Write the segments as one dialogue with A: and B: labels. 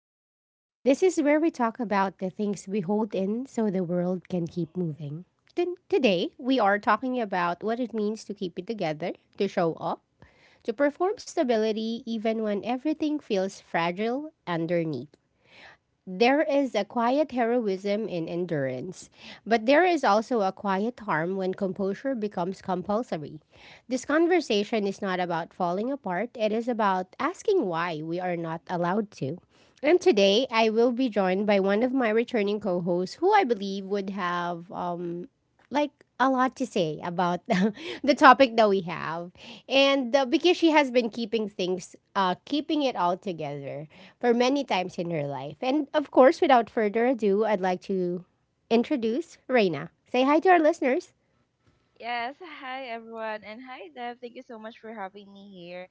A: Welcome. This is where we talk about the things we hold in so the world can keep moving. Today, we are talking about what it means to keep it together, to show up, to perform stability even when everything feels fragile underneath. There is a quiet heroism in endurance, but there is also a quiet harm when composure becomes compulsory. This conversation is not about falling apart, it is about asking why we are not allowed to. And today, I will be joined by one of my returning co hosts who I believe would have like a lot to say about the topic that we have and because she has been keeping things keeping it all together for many times in her life, and of course without further ado I'd like to introduce Reina. Say hi to our listeners.
B: Yes, hi everyone, and hi Dev. Thank you so much for having me here.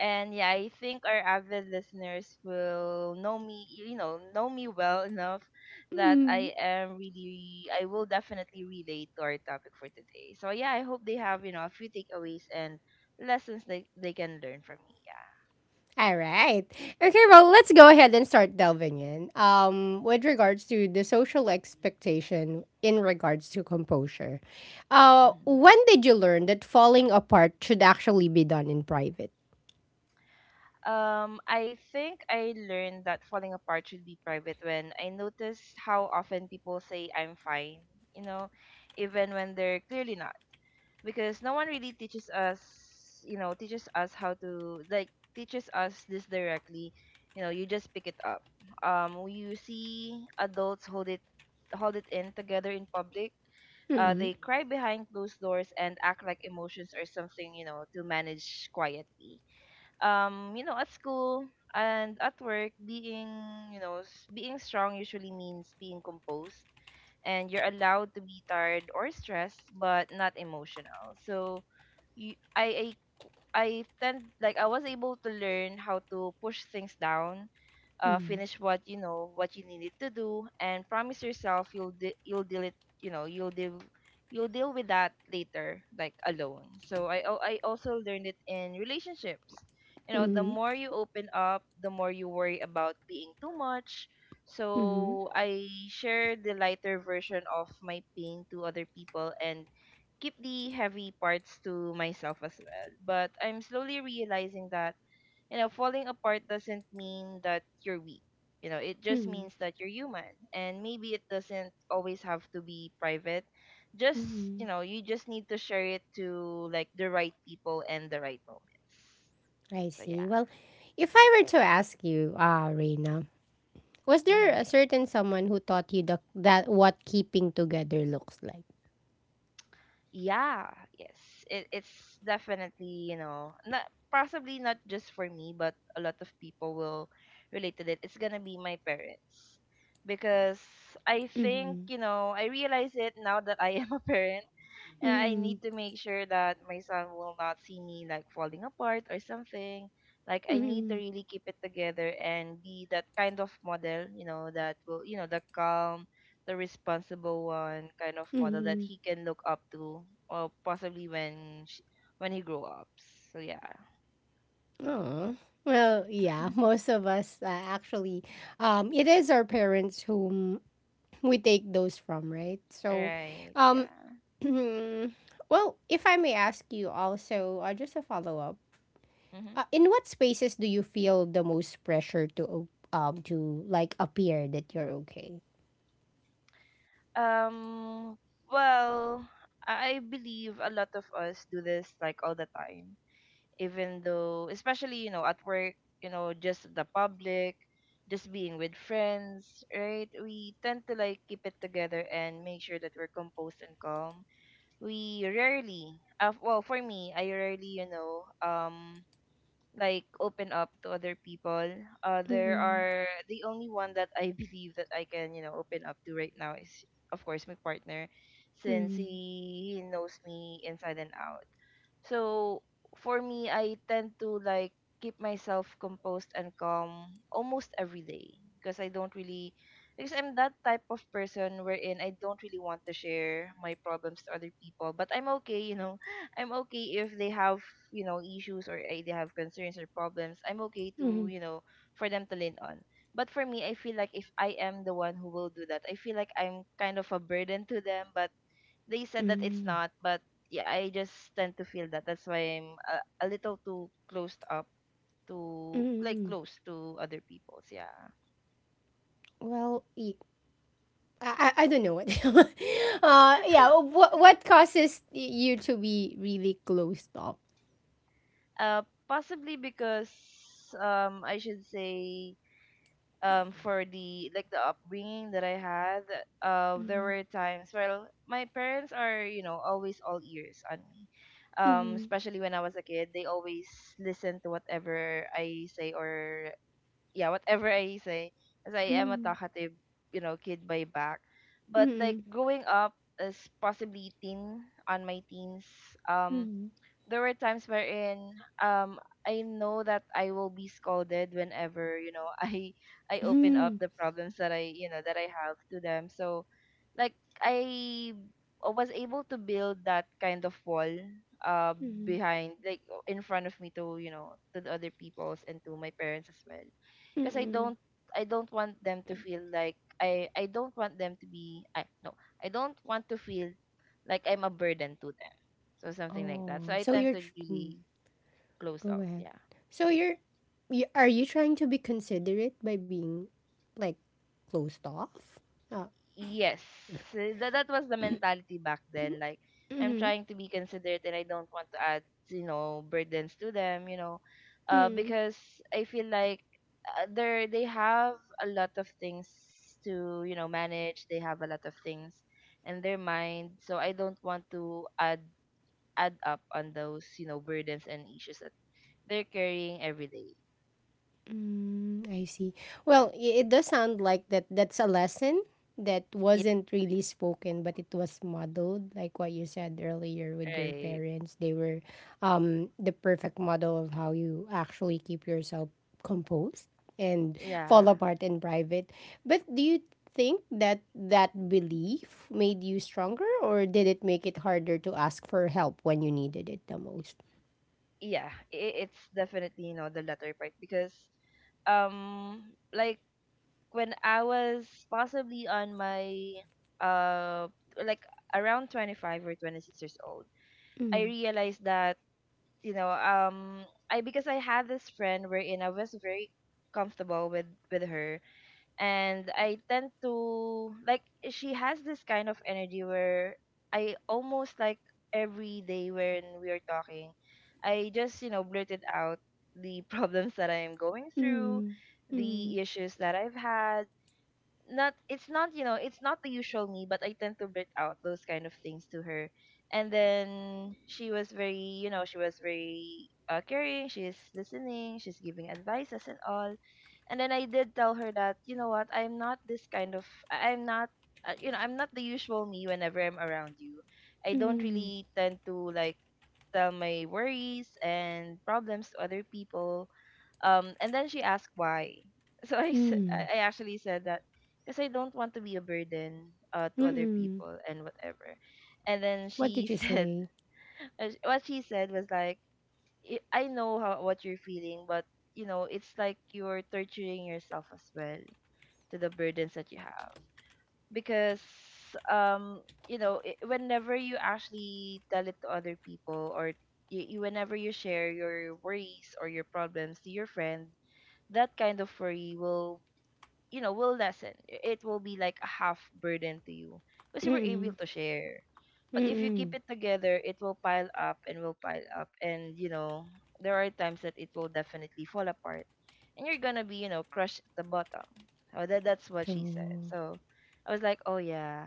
B: And yeah, I think our avid listeners will know me, know me well enough that
A: Mm.
B: I will definitely relate to our topic for today. So yeah, I hope they have, a few takeaways and lessons they can learn from me. Yeah.
A: All right. Okay, well, let's go ahead and start delving in. With regards to the social expectation in regards to composure,
B: hmm
A: when did you learn that falling apart should actually be done in private?
B: I think I learned that falling apart should be private when I noticed how often people say I'm fine, you know, even when they're clearly not. Because no one really teaches us teaches us how to like teaches us this directly. You just pick it up. You see adults hold it in together in public.
A: Mm,
B: They cry behind closed doors and act like emotions are something, to manage quietly. At school and at work, being, you know, s- being strong usually means being composed, and you're allowed to be tired or stressed, but not emotional. So you, I tend like I was able to learn how to push things down,
A: mm,
B: finish what you needed to do, and promise yourself you'll deal it. you know you'll deal you'll deal with that later, like alone. So I also learned it in relationships. The
A: mm,
B: more you open up, the more you worry about being too much.
A: mm,
B: So I share the lighter version of my pain to other people and keep the heavy parts to myself as well. But I'm slowly realizing that, falling apart doesn't mean that you're weak. It just
A: mm,
B: means that you're human. And maybe it doesn't always have to be private. Just,
A: mm.
B: you just need to share it to like the right people and the right moments.
A: I
B: So yeah.
A: see. Well, if I were to ask you, Reina, was there
B: Mm-hmm.
A: a certain someone who taught you the, that what keeping together looks like?
B: Yeah, yes. It's definitely, not possibly not just for me, but a lot of people will relate to it. It's gonna be my parents. Because I think,
A: Mm,
B: I realize it now that I am a parent and I need
A: mm,
B: to make sure that my son will not see me like falling apart or something. Like I need to
A: mm,
B: really keep it together and be that kind of model, you know, that will, you know, the calm, the responsible one kind of model that
A: mm.
B: he can look up to, or possibly when he grow up. So yeah,
A: Oh. Well, yeah, most of us it is our parents whom we take those from, right? So,
B: right,
A: um,
B: yeah.
A: well, if I may ask you also, just a follow up.
B: hmm
A: In what spaces do you feel the most pressure to to like appear that you're okay?
B: Um, well, I believe a lot of us do this like all the time, even though especially, at work, just the public, just being with friends, right? We tend to like keep it together and make sure that we're composed and calm. We rarely well, for me, I rarely, like, open up to other people. There
A: Mm-hmm.
B: are the only one that I believe that I can, open up to right now is, of course, my partner, since
A: Mm-hmm.
B: he knows me inside and out. So for me, I tend to like keep myself composed and calm almost every day, because I don't really because I'm that type of person wherein I don't really want to share my problems to other people. But I'm okay. I'm okay if they have, issues, or they have concerns or problems. I'm okay to,
A: Mm-hmm.
B: for them to lean on. But for me, I feel like if I am the one who will do that, I feel like I'm kind of a burden to them. But they said that it's
A: Mm-hmm.
B: not, but yeah, I just tend to feel that. That's why I'm a little too closed up to like
A: Mm-hmm.
B: close to other people's. Yeah.
A: Well, I don't know what. Yeah, what causes you to be really closed off?
B: Uh, possibly because, I should say, for the, like, the upbringing that I had, there
A: Mm-hmm.
B: were times, well, my parents are, always all ears on me. Especially when I was a kid, they always listen to whatever I say, or yeah, whatever I say, as I am a
A: Mm-hmm.
B: talkative, kid by back. But like
A: Mm-hmm.
B: growing up, as possibly teen on my teens,
A: Mm-hmm.
B: um,
A: Mm-hmm.
B: there were times wherein I know that I will be scolded whenever, I open up
A: Mm-hmm.
B: the problems that I, that I have to them. So, like, I was able to build that kind of wall, uh
A: Mm-hmm.
B: behind, like, in front of me to, to the other people's and to my parents as well, because
A: Mm-hmm.
B: I don't want them to be I no I don't want to feel like I'm a burden to them, so something like that. So
A: Oh,
B: I
A: so
B: tend to
A: you're
B: really close
A: go
B: off.
A: ahead.
B: Yeah.
A: So you're are you trying to be considerate by being like closed off? Uh,
B: Yes. So that that was the mentality back then. Like I'm
A: mm-hmm,
B: trying to be considerate and I don't want to add, burdens to them, you know.
A: mm-hmm.
B: Because I feel like, they have a lot of things to, manage. They have a lot of things in their mind. So I don't want to add up on those, burdens and issues that they're carrying every day.
A: Mm, I see. Well, it does sound like that that's a lesson that
B: Yeah,
A: wasn't really spoken, but it was modeled, like what you said earlier with your
B: right.
A: parents. They were the perfect model of how you actually keep yourself composed and
B: Yeah.
A: fall apart in private. But do you think that that belief made you stronger, or did it make it harder to ask for help when you needed it the most?
B: Yeah, I- it's definitely, the latter part, because, um like, when I was possibly on my uh like, around 25 or 26 years old, I
A: Mm,
B: realized that, you know um I because I had this friend wherein I was very comfortable with her, and I tend to like, she has this kind of energy where I, almost like every day when we are talking, I just, blurted out the problems that I am going through,
A: mm, mm,
B: the issues that I've had. Not it's not it's not the usual me, but I tend to blurt out those kind of things to her. And then she was very, she was very, caring. She's listening, she's giving advices and all. And then I did tell her that, you know what, I'm not, I'm not the usual me whenever I'm around you. I don't
A: mm,
B: really tend to like tell my worries and problems to other people. Um, and then she asked why. So I, s-
A: mm.
B: I actually said that because I don't want to be a burden, to other
A: Mm.
B: people and whatever. And then
A: What did
B: she
A: you
B: said,
A: say?
B: what she said was like, I know how what you're feeling, but, you know, it's like you're torturing yourself as well to the burdens that you have, because, um you know, I whenever you actually tell it to other people, or you, whenever you share your worries or your problems to your friend, that kind of worry will, you know, will lessen. It will be like a half burden to you because you were able
A: Mm,
B: to share. But if you keep
A: mm,
B: it together, it will pile up and will pile up, and, you know, there are times that it will definitely fall apart, and you're gonna be, you know, crushed at the bottom." Oh, that that's what she said.
A: true.
B: So I was like, oh yeah,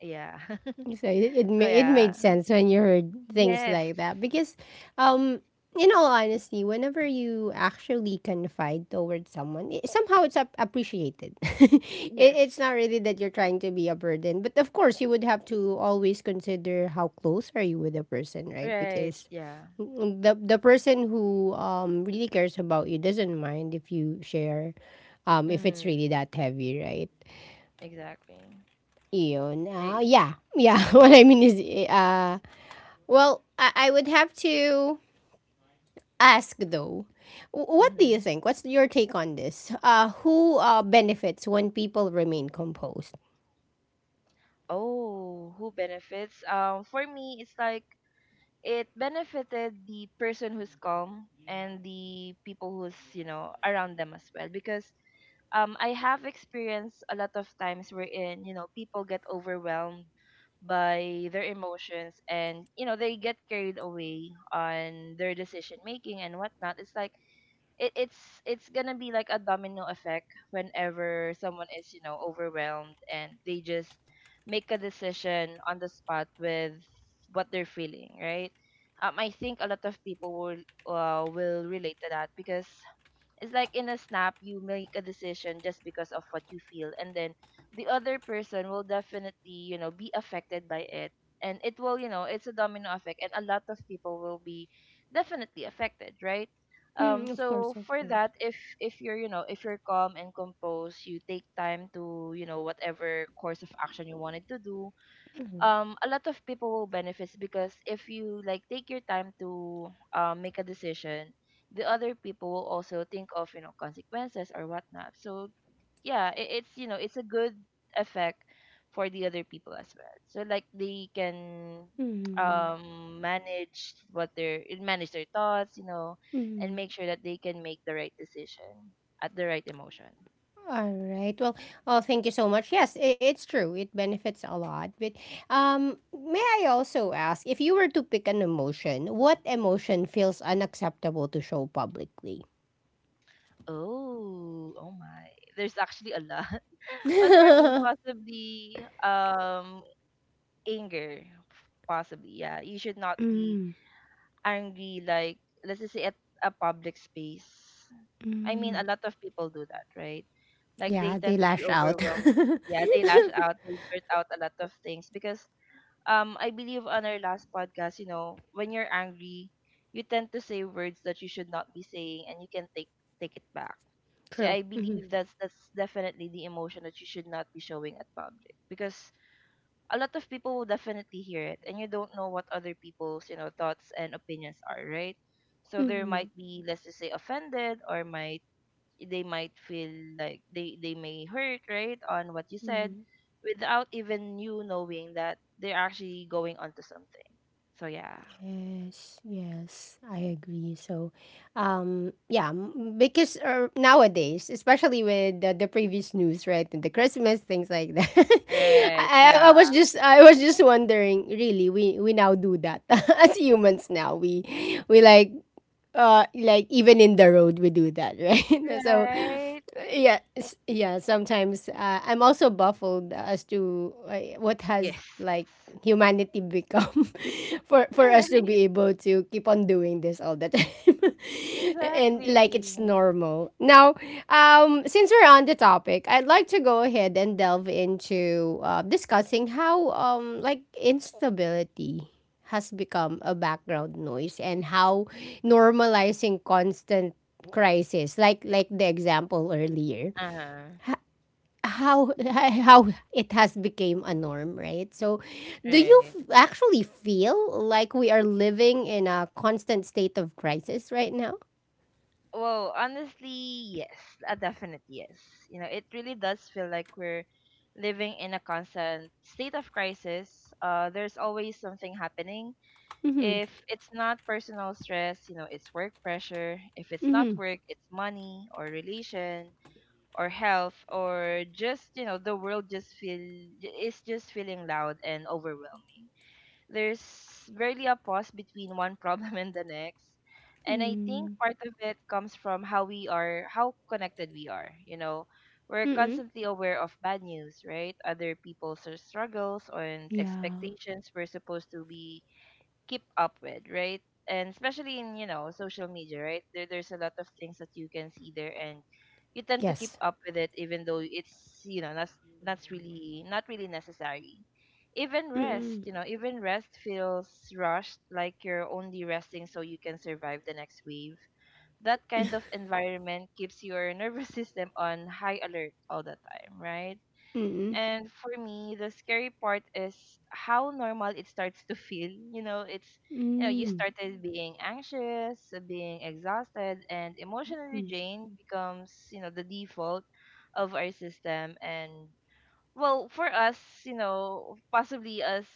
B: yeah.
A: So it
B: Oh
A: made it made
B: yeah.
A: sense when you heard things
B: Yes.
A: like that because, um, in all honesty, whenever you actually confide towards someone, it, somehow it's appreciated. It's
B: Yes,
A: not really that you're trying to be a burden, but of course you would have to always consider how close are you with a person, right?
B: right,
A: Because
B: yeah.
A: the person who really cares about you doesn't mind if you share, if it's
B: Mm-hmm,
A: really that heavy, right?
B: exactly.
A: Yun.
B: I.
A: Yeah. Yeah. what I mean is, well, I would have to ask though. What do you
B: Mm-hmm.
A: think? What's your take on this? Who benefits when people remain composed?
B: Oh, who benefits? For me, it's like it benefited the person who's calm and the people who's, around them as well. Because, I have experienced a lot of times wherein, people get overwhelmed by their emotions, and, they get carried away on their decision making and whatnot. It's like it's it's gonna be like a domino effect whenever someone is, overwhelmed and they just make a decision on the spot with what they're feeling, right? Um, I think a lot of people will, will relate to that, because it's like in a snap, you make a decision just because of what you feel, and then the other person will definitely, be affected by it. And it will, it's a domino effect, and a lot of people will be definitely affected, right? Um,
A: Mm, of course,
B: so
A: of
B: for
A: course.
B: that, if you're, you know, if you're calm and composed, you take time to, you know, whatever course of action you wanted to do, a lot of people will benefit, because if you like take your time to make a decision, the other people will also think of, you know, consequences or whatnot. So yeah, it's, you know, it's a good effect for the other people as well, so like they can
A: Mm,
B: manage what their manage their thoughts, you know, and
A: mm.
B: make sure that they can make the right decision at the right emotion.
A: All right. Well, oh, thank you so much. Yes, I it's true. It benefits a lot. But may I also ask if you were to pick an emotion, what emotion feels unacceptable to show publicly?
B: Oh my, there's actually a lot. Well, for me, possibly anger, possibly. Yeah, you should not be angry. Like, let's just say, at a public space. I mean, a lot of people do that, right? Like, they
A: Yeah, they
B: tend to be
A: lash out.
B: overwhelmed. Yeah, they lash out, they blurt out a lot of things because I believe on our last podcast, you know, when you're angry, you tend to say words that you should not be saying, and you can take it back. So
A: True.
B: I
A: Mm-hmm.
B: believe that's definitely the emotion that you should not be showing at public, because a lot of people will definitely hear it, and you don't know what other people's, you know, thoughts and opinions are, right? So there
A: Mm-hmm.
B: might be, let's just say, offended, or might, they might feel like they may hurt, right, on what you said without even you knowing that they're actually going onto something. So yeah.
A: Yes, yes, I agree. So, yeah, because nowadays, especially with the previous news, right, and the Christmas things like that,
B: Right.
A: I was
B: Yeah.
A: just I was just wondering. Really, we now do that as humans. Now we like even in the road we do that, right? So,
B: Right.
A: yeah yeah sometimes I'm also baffled as to what has
B: Yes.
A: like humanity become for
B: All right.
A: us to be able to keep on doing this all the time and
B: Exactly.
A: like it's normal now since we're on the topic I'd like to go ahead and delve into discussing how like instability has become a background noise and how normalizing constant crisis like the example earlier
B: Uh-huh.
A: how how it has became a norm, right? So do you
B: Right.
A: actually feel like we are living in a constant state of crisis right now?
B: Well, honestly, yes. A definite yes. You know, it really does feel like we're living in a constant state of crisis. There's always something happening.
A: Mm-hmm.
B: If it's not personal stress, you know, it's work pressure. If it's not
A: Mm-hmm.
B: work, it's money or relation or health, or just, you know, the world just feel is just feeling loud and overwhelming. There's barely a pause between one problem and the next. And I think part of it comes from how connected we are, you know. We're constantly aware of bad news, right? Other people's struggles and expectations we're supposed to be keep up with, right? And especially in, you know, social media, right? There's a lot of things that you can see there, and you tend to keep
A: Yes.
B: up with it even though it's, you know, that's really not really necessary. Even rest,
A: Mm-mm.
B: you know, even rest feels rushed, like you're only resting so you can survive the next wave. That kind of environment keeps your nervous system on high alert all the time, right?
A: Mm-mm.
B: And for me, the scary part is how normal it starts to feel. You know, it's you know, you
A: Mm.
B: started being anxious, being exhausted, and emotionally drained becomes, you know, the default of our system. And well, for us, you know, possibly us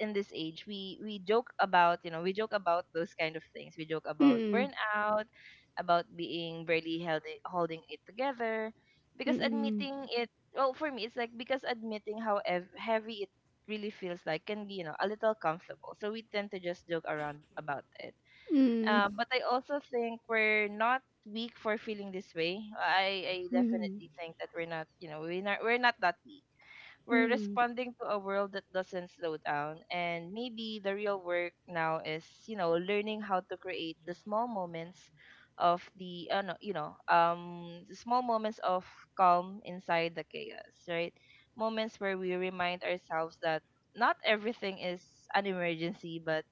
B: in this age, we joke about, you know, we joke about those kind of things. We joke about
A: Mm-mm.
B: burnout, about being barely held holding it together, because
A: Mm-mm.
B: admitting it, well, for me it's like, because admitting how heavy it really feels like can be, you know, a little comfortable, so we tend to just joke around about it.
A: Mm-mm.
B: But I also think we're not weak for feeling this way. I
A: Mm-mm.
B: definitely think that we're not, you know, we're not that weak. We're
A: Mm-mm.
B: responding to a world that doesn't slow down. And maybe the real work now is, you know, learning how to create the small moments of no, you know, the small moments of calm inside the chaos, right? Moments where we remind ourselves that not everything is an emergency. But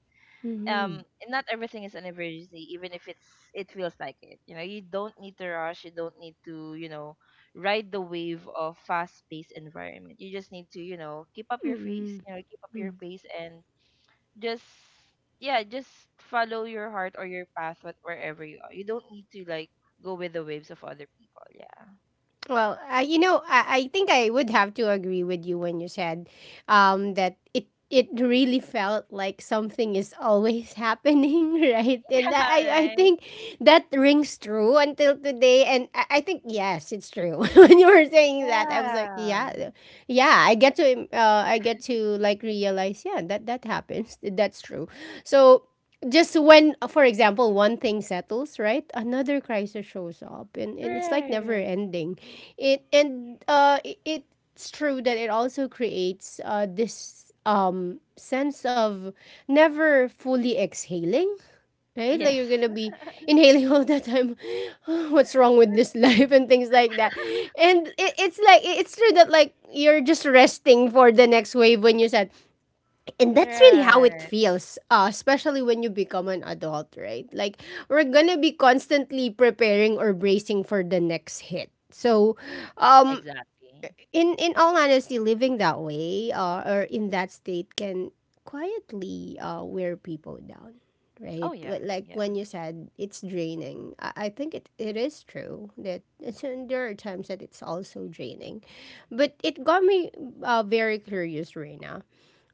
A: Mm-mm. Mm.
B: and not everything is an emergency, even if it feels like it, you know. You don't need to rush, you don't need to, you know, ride the wave of fast paced environment. You just need to, you know, keep up your pace, you know, keep up your pace, and just, yeah, just follow your heart or your path, what wherever you are. You don't need to like go with the waves of other people. Yeah.
A: Well, you know, I think I would have to agree with you when you said that it really felt like something is always happening, right? And I, I
B: Yeah.
A: I
B: Right.
A: think that rings true until today. And I think yes, it's true. when you were saying that, I was like,
B: Yeah.
A: yeah, yeah, I get to like realize, yeah, that that happens. That's true. So just when, for example, one thing settles, right, another crisis shows up, and it's like never
B: Right.
A: ending. It and uh, it, it's true that it also creates this sense of never fully exhaling, right? Like
B: Yes.
A: you're gonna be inhaling all the time. What's wrong with this life and things like that. And it's like it's true that like you're just resting for the next wave when you and that's really how it
B: Right.
A: feels especially when you become an adult right like we're gonna be constantly preparing or bracing for the next hit so um
B: Exactly.
A: in all honesty living that way or in that state can quietly wear people down,
B: Oh
A: right?
B: yeah.
A: Like
B: Yeah.
A: when you said it's draining I think it, it is true that it's, and there are times that it's also draining but it got me very curious, Reina.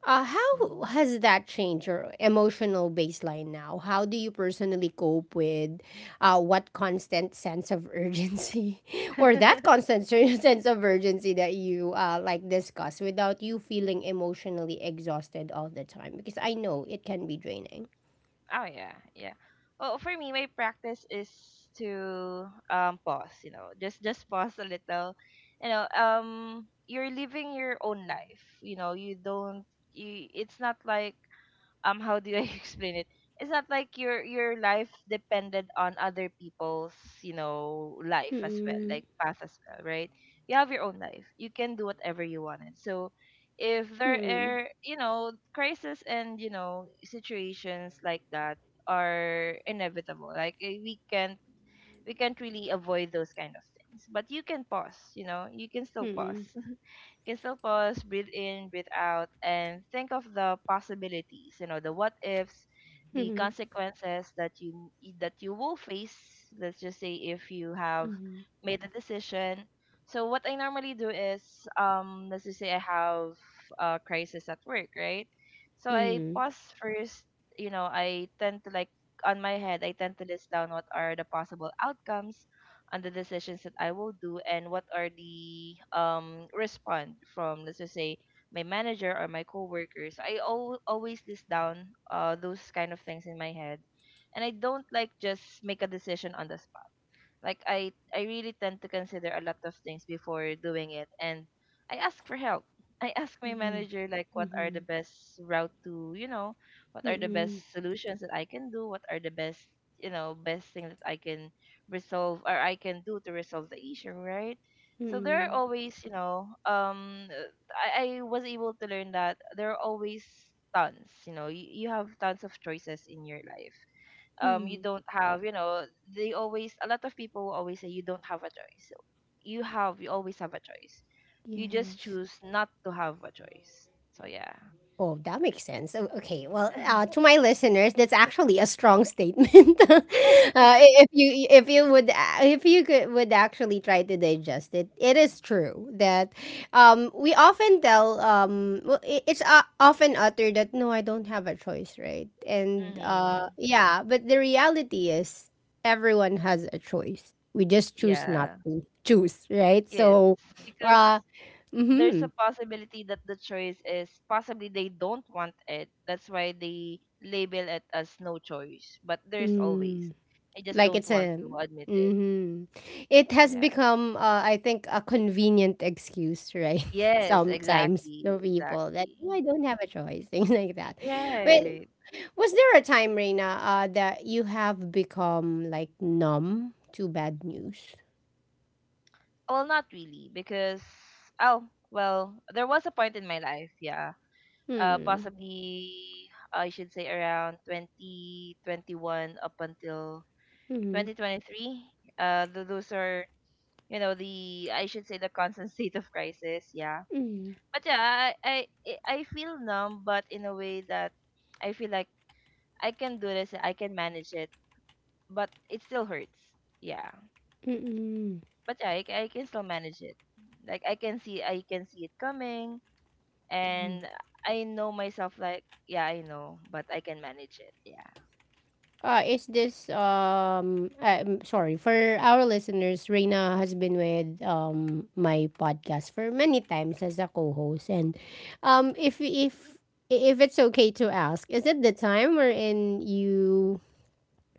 A: How
B: Mhm.
A: has that changed your emotional baseline now? How do you personally cope with what constant sense of urgency or that sense of urgency that you like discuss without you feeling emotionally exhausted all the time? Because I know it can be draining.
B: Oh yeah, yeah. Well, for me, my practice is to pause. You know, just pause a little. You know, you're living your own life. You know, you don't. You. It's not like, how do I explain it? It's not like your life depended on other people's, you know, life as well, like
A: Mm-mm,
B: path as well, right? You have your own life. You can do whatever you wanted. So if there
A: mm-mm,
B: are, you know, crises and, you know, situations like that are inevitable. Like, we can't really avoid those kind of things. But you can pause, you know, you can still pause,
A: mm-mm,
B: breathe in, breathe out, and think of the possibilities. You know, the what ifs, the consequences that you will face. Let's just say if you have made a decision. So what I normally do is, let's just say I have a crisis at work, right? So I pause first. You know, I tend to like, on my head, I tend to list down what are the possible outcomes on the decisions that I will do, and what are the respond from, let's just say, my manager or my coworkers. Always list down those kind of things in my head, and I don't like just make a decision on the, like I really tend to consider a lot of things before doing it. And I ask for help. I ask my manager like, what are the best route to, you know, what are the best
A: mm-mm,
B: solutions that I can do, what are the best, you know, best thing that I can resolve, or I can do to resolve the issue, right? So there are
A: mm-mm,
B: always, you know, I was able to learn that there are always tons, you know, you have tons of choices in your life. You
A: mm-mm.
B: don't have, you know, they always a lot of people will always say you don't have a choice. You always have a choice. You just
A: Yes.
B: choose not to have a choice, so yeah.
A: Oh, that makes sense. Okay, well, to my listeners, that's actually a strong statement. uh, if you if you could would actually try to digest it, it is true that we often tell well, it's often uttered that no, I don't have a choice, right? And
B: Mm-hmm.
A: yeah, but the reality is everyone has a choice. We just choose not
B: Yeah,
A: to choose, right?
B: yes,
A: So,
B: because
A: uh,
B: there's a
A: mm-hmm.
B: possibility that the choice is possibly they don't want it, that's why they label it as no choice, but there's always,
A: Mm.
B: they just
A: Like
B: don't
A: it's
B: want
A: a
B: to admit it.
A: hmm. It has
B: Yeah.
A: become, I think, a convenient excuse, right?
B: Yes,
A: Sometimes
B: exactly,
A: to people that
B: exactly.
A: "Oh, I don't have a choice," things like that. But
B: Right.
A: was there a time, Reina, that you have become like numb to bad news?
B: Well, not really, because, oh, well, there was a point in my life, yeah.
A: Hmm.
B: Possibly, I should say, around 2021 up until
A: Mm-hmm.
B: 2023. Those are, you know, the, I should say, the constant state of crisis. Yeah.
A: Mm-hmm.
B: But yeah, I feel numb, but in a way that I feel like I can do this, I can manage it. But it still hurts. Yeah.
A: Mm-hmm.
B: But yeah, I can still manage it. Like, I can see it coming. And I know myself, like, yeah, I know, but I can manage it. Yeah.
A: Is this I'm sorry for our listeners? Reina has been with my podcast for many times as a co-host, and um if if if it's okay to ask, is it the time wherein you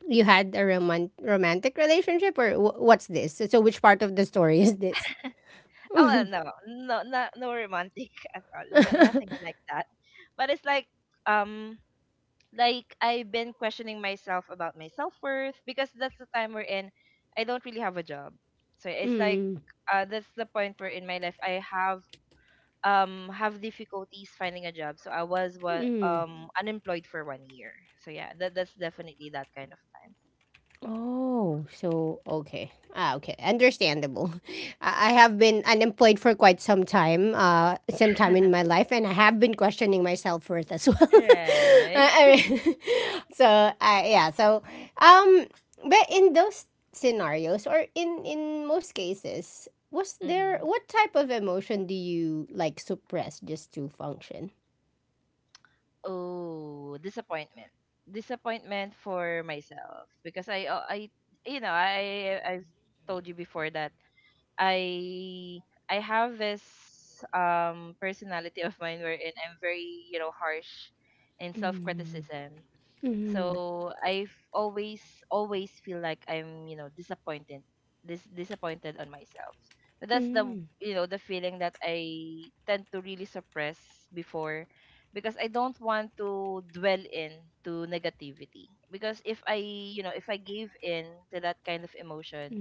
A: you had a romantic relationship or what's this? So so which part of the story is this?
B: Oh well, no, no, no, no romantic at all, no, nothing like that. But it's like, um like, I've been questioning myself about my self worth, because that's the time we're in. I don't really have a job, so it's like,
A: Mm,
B: that's the point where in my life I have difficulties finding a job. So I was what
A: mm.
B: unemployed for 1 year. So yeah, that's definitely that kind of time.
A: Oh, so okay. Ah, okay. Understandable. I have been unemployed for quite some time in my life, and I have been questioning my self worth as well.
B: Right.
A: I mean, so yeah. So um, but in those scenarios, or in most cases, was there
B: Mm-hmm.
A: what type of emotion do you like suppress just to function?
B: Oh, disappointment. Disappointment for myself, because I you know, I've told you before that I I have this personality of mine wherein I'm very, you know, harsh in self-criticism.
A: Mm-hmm.
B: So I've always feel like I'm, you know, disappointed, disappointed on myself. But that's the,
A: Mm-hmm.
B: you know, the feeling that I tend to really suppress before, because I don't want to dwell in to negativity. Because if I, you know, if I give in to that kind of emotion,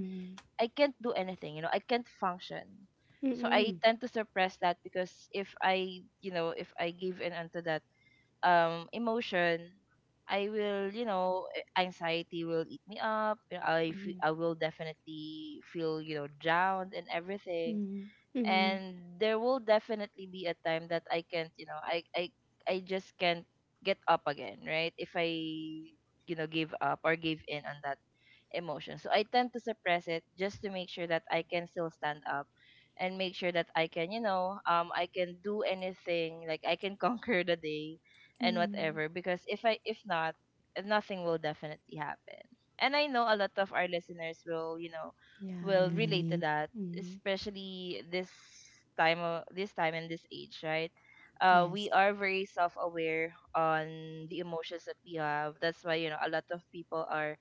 B: I can't do anything, you know, I can't function. So I
A: Mm-hmm.
B: tend to suppress that, because if I, you know, if I give in onto that emotion, I will, you know, anxiety will eat me up, you know.
A: Mm-hmm. Mm-hmm.
B: I will definitely feel, you know, down and everything.
A: Mm-hmm.
B: And there will definitely be a time that I can't, you know, I just can't get up again, right, if I, you know, give up or give in on that emotion. So I tend to suppress it just to make sure that I can still stand up, and make sure that I can, you know, I can do anything, like I can conquer the day and
A: Mm-hmm.
B: whatever, because if not, nothing will definitely happen. And I know a lot of our listeners will, you know,
A: Yeah,
B: will relate to
A: relate.
B: that,
A: Mm,
B: especially this time and this age, right? We
A: yes.
B: are very self-aware on the emotions that we have. That's why a lot of people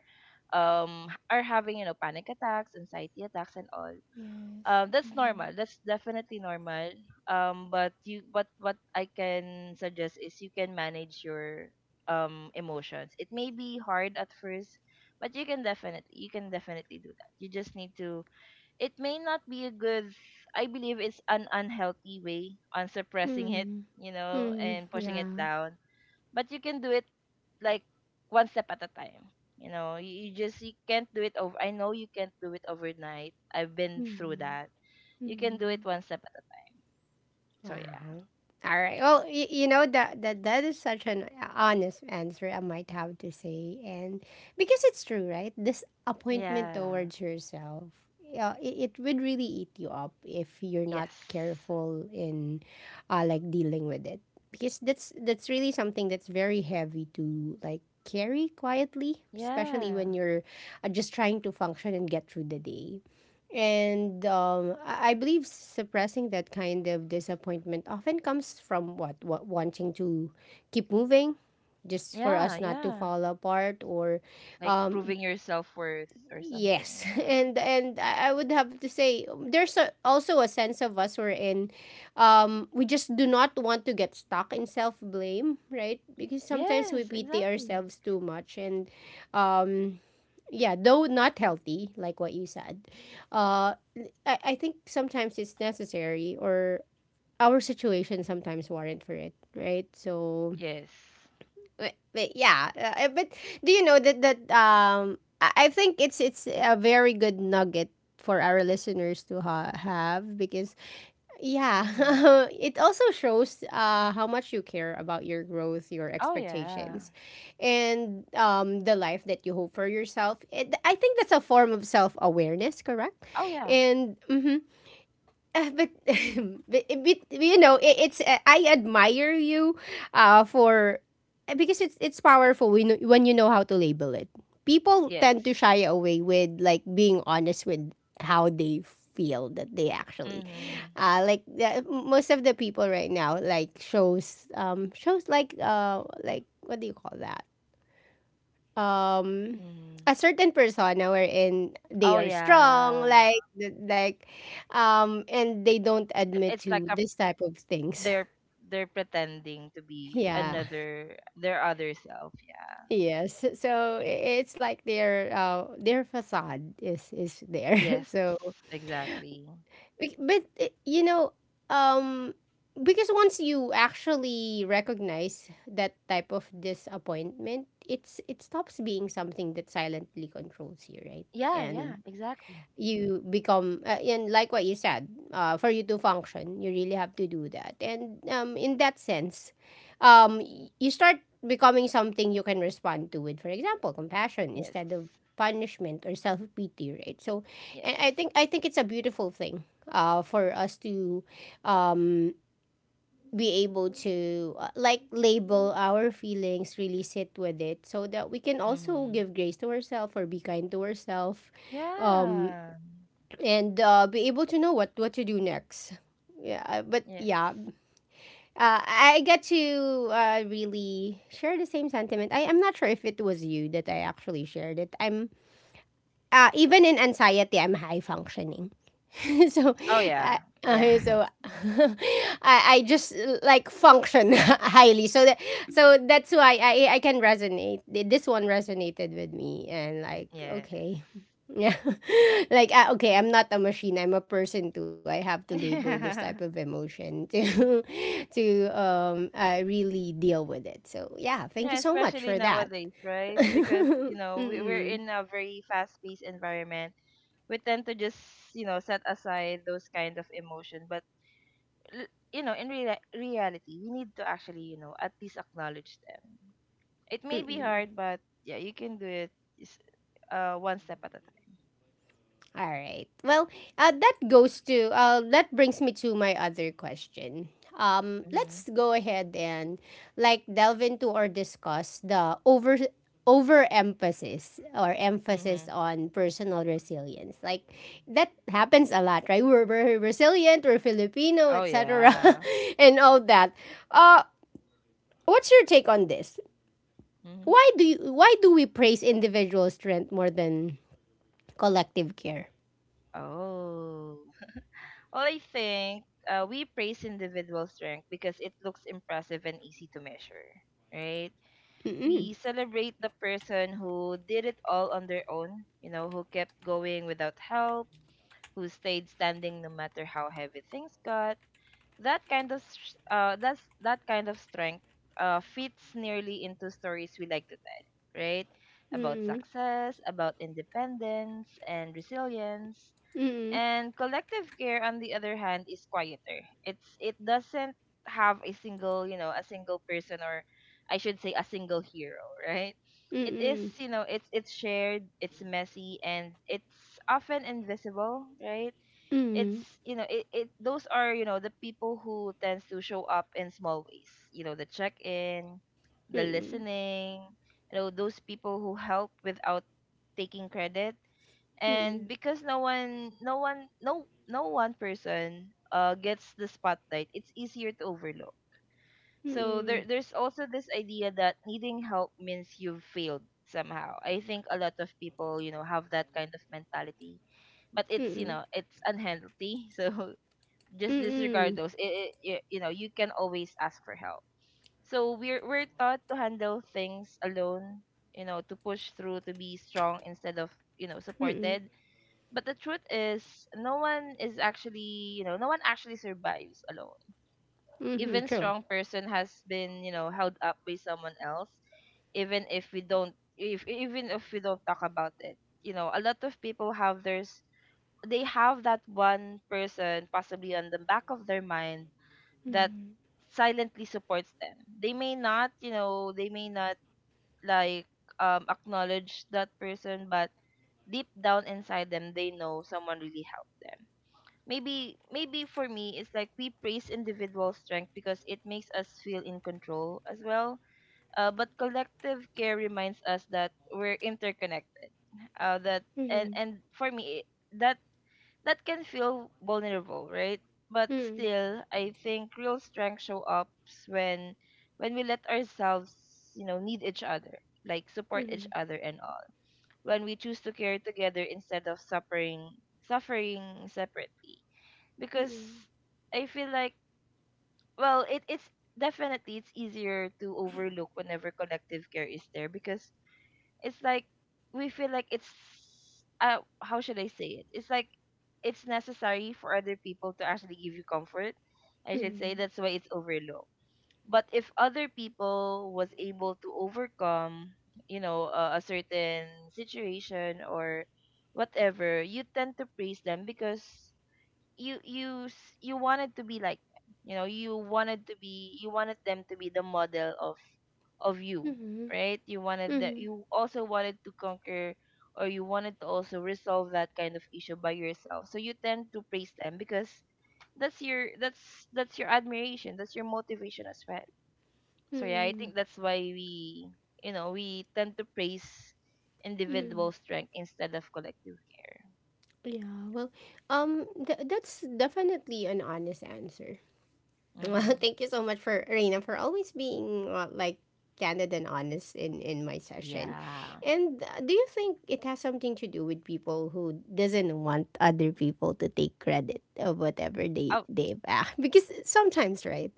B: are having panic attacks, anxiety attacks, and all.
A: Yes.
B: That's normal. That's definitely normal. But what I can suggest is you can manage your emotions. It may be hard at first, but you can definitely do that. You just need to... It may not be a good... I believe it's an unhealthy way on suppressing it,
A: Hmm. Hmm.
B: and pushing it
A: Yeah.
B: down. But you can do it, like, one step at a time. You can't do it over. I know you can't do it overnight. I've been through
A: Hmm.
B: that. You can do it
A: Hmm.
B: one step at a time. So yeah,
A: Wow. All right. Well, you know that that is such an honest answer I might have to say, and because it's true, right? This appointment
B: yeah,
A: towards yourself, it, it would really eat you up if you're not
B: yes,
A: careful in, like dealing with it, because that's really something that's very heavy to like carry quietly, especially when
B: yeah,
A: you're just trying to function and get through the day. And I believe suppressing that kind of disappointment often comes from what wanting to keep moving, just for
B: yeah,
A: us not to
B: yeah.
A: fall apart. Or,
B: Like
A: um,
B: proving your self worth or something.
A: yes,
B: Yeah.
A: and and I would have to say there's a, also a sense of us we're in. We just do not want to get stuck in self blame, right? Because sometimes we
B: Yes,
A: pity
B: exactly.
A: ourselves too much, and um, yeah, though not healthy, like what you said, uh, I think sometimes it's necessary or our situation sometimes warrant for it, right? So,
B: Yes.
A: but, but yeah, uh, uh, but do you know that I think it's a very good nugget for our listeners to have because yeah,
B: Mm-hmm.
A: it also shows how much you care about your growth, your
B: Oh yeah.
A: expectations, and the life that you hope for yourself. I think that's a form of self awareness, correct?
B: Oh yeah.
A: And mhm. But, but you know it's I admire you for because it's powerful when when you know how to label it. People tend to
B: Yes.
A: shy away with like being honest with how they feel that they actually
B: Mm-hmm.
A: like most of the people right now like shows like what do you call that um
B: Mm-hmm.
A: a certain persona wherein they
B: Oh
A: are strong
B: yeah.
A: like and they don't admit
B: It's like
A: to
B: a,
A: this type of things.
B: they're pretending to be
A: Yeah,
B: another, their other self. Yeah.
A: yes, so it's like their facade is there.
B: Yes,
A: So
B: exactly.
A: you know, um because once you actually recognize that type of disappointment, it stops being something that silently controls you, right?
B: Yeah, yeah,
A: And
B: exactly.
A: you become and like what you said, for you to function you really have to do that, and in that sense, you start becoming something you can respond to with, for example, compassion
B: Yes.
A: instead of punishment or self-pity, right? so and i
B: Yes.
A: think I think it's a beautiful thing for us to um, be able to like label our feelings, really sit with it so that we can also
B: Mm-hmm.
A: give grace to ourselves or be kind to ourselves
B: Yeah.
A: and be able to know what to do next. Yeah, uh, but
B: Yes.
A: yeah, I get to really share the same sentiment. I am not sure if it was you that I actually shared it. I'm Even in anxiety, I'm high functioning. So
B: Oh
A: I,
B: yeah. Yeah.
A: so I just like function highly so that that's why I can resonate. This one resonated with me and like
B: Yes.
A: okay. Yeah. Like okay, I'm not a machine, I'm a person too. I have to label this type of emotion to to really deal with it. So yeah, thank you
B: Yeah,
A: so much for
B: especially
A: that.
B: nowadays, right? Because we, we're
A: Mm,
B: in a very fast-paced environment. We tend to just, set aside those kind of emotion. But in reality, we need to actually, at least acknowledge them. It may be
A: mm.
B: hard, but yeah, you can do it, s- one step at a time.
A: All right. Well, that brings me to my other question. Let's
B: Mm-hmm.
A: go ahead and like delve into or discuss the over overemphasis or
B: Mm-hmm.
A: emphasis on personal resilience. Like that happens a lot, right? We're resilient, we're Filipino,
B: Oh,
A: etc.,
B: yeah.
A: and all that. Uh, what's your take on this?
B: Mm-hmm.
A: Why do we praise individual strength more than collective care?
B: Oh. Well, I think we praise individual strength because it looks impressive and easy to measure, right?
A: Mm-mm.
B: We celebrate the person who did it all on their own, who kept going without help, who stayed standing no matter how heavy things got. That kind of strength fits nearly into stories we like to tell, right? About success, about independence and resilience.
A: Mm.
B: And collective care, on the other hand, is quieter. It doesn't have a single, a single person, or I should say a single hero, right? It is,
A: Mm.
B: it's shared, it's messy, and it's often invisible, right?
A: Mm.
B: it's you know it, it Those are, the people who tends to show up in small ways, the check in, the
A: Mm.
B: listening, those people who help without taking credit. And
A: Mm.
B: because no one person gets the spotlight, it's easier to overlook. So there
A: Mm.
B: there's also this idea that needing help means you've failed somehow. I think a lot of people, have that kind of mentality, but it's you
A: Mm.
B: know it's unhealthy. So just disregard
A: Mm.
B: those. It, y- you know, You can always ask for help. So we're taught to handle things alone, to push through, to be strong instead of,
A: Mm.
B: supported. But the truth is, no one is actually, you know, no one actually survives alone.
A: Mhm.
B: Even
A: True.
B: strong person has been, held up by someone else, even if we don't talk about it. You know, a lot of people have their they have that one person possibly on the back of their mind that
A: Mhm.
B: silently supports them. They may not, like, acknowledge that person, but deep down inside them, they know someone really helped them. Maybe for me, it's like we praise individual strength because it makes us feel in control as well. But collective care reminds us that we're interconnected. That
A: Mhm.
B: and for me, that that can feel vulnerable, right? But
A: Mhm.
B: still, I think real strength show up when when we let ourselves, need each other, like support each
A: Mhm.
B: other and all. When we choose to care together instead of suffering separately. Because
A: Mhm.
B: I feel like, well, it, it's definitely it's easier to overlook whenever collective care is there, because it's like we feel like it's, how should I say it? It's like it's necessary for other people to actually give you comfort. I should say
A: Mhm.
B: that's why it's overlooked. But if other people was able to overcome, a, certain situation or whatever, you tend to praise them because you wanted to be like them. You wanted to be... you wanted them to be the model of you,
A: Mhm.
B: right? You wanted that
A: Mhm.
B: you also wanted to conquer, or you wanted to also resolve that kind of issue by yourself. So you tend to praise them because that's your that's that's your admiration, that's your motivation as well. So yeah, I
A: Mhm.
B: think that's why we tend to praise individual strength instead of collective care.
A: Yeah. Well, that's definitely an honest answer. Well,
B: Mhm.
A: thank you so much for Reina for always being like candid and honest in my session.
B: Yeah.
A: And do you think it has something to do with people who doesn't want other people to take credit of whatever they
B: Oh,
A: they've asked? Because sometimes, right?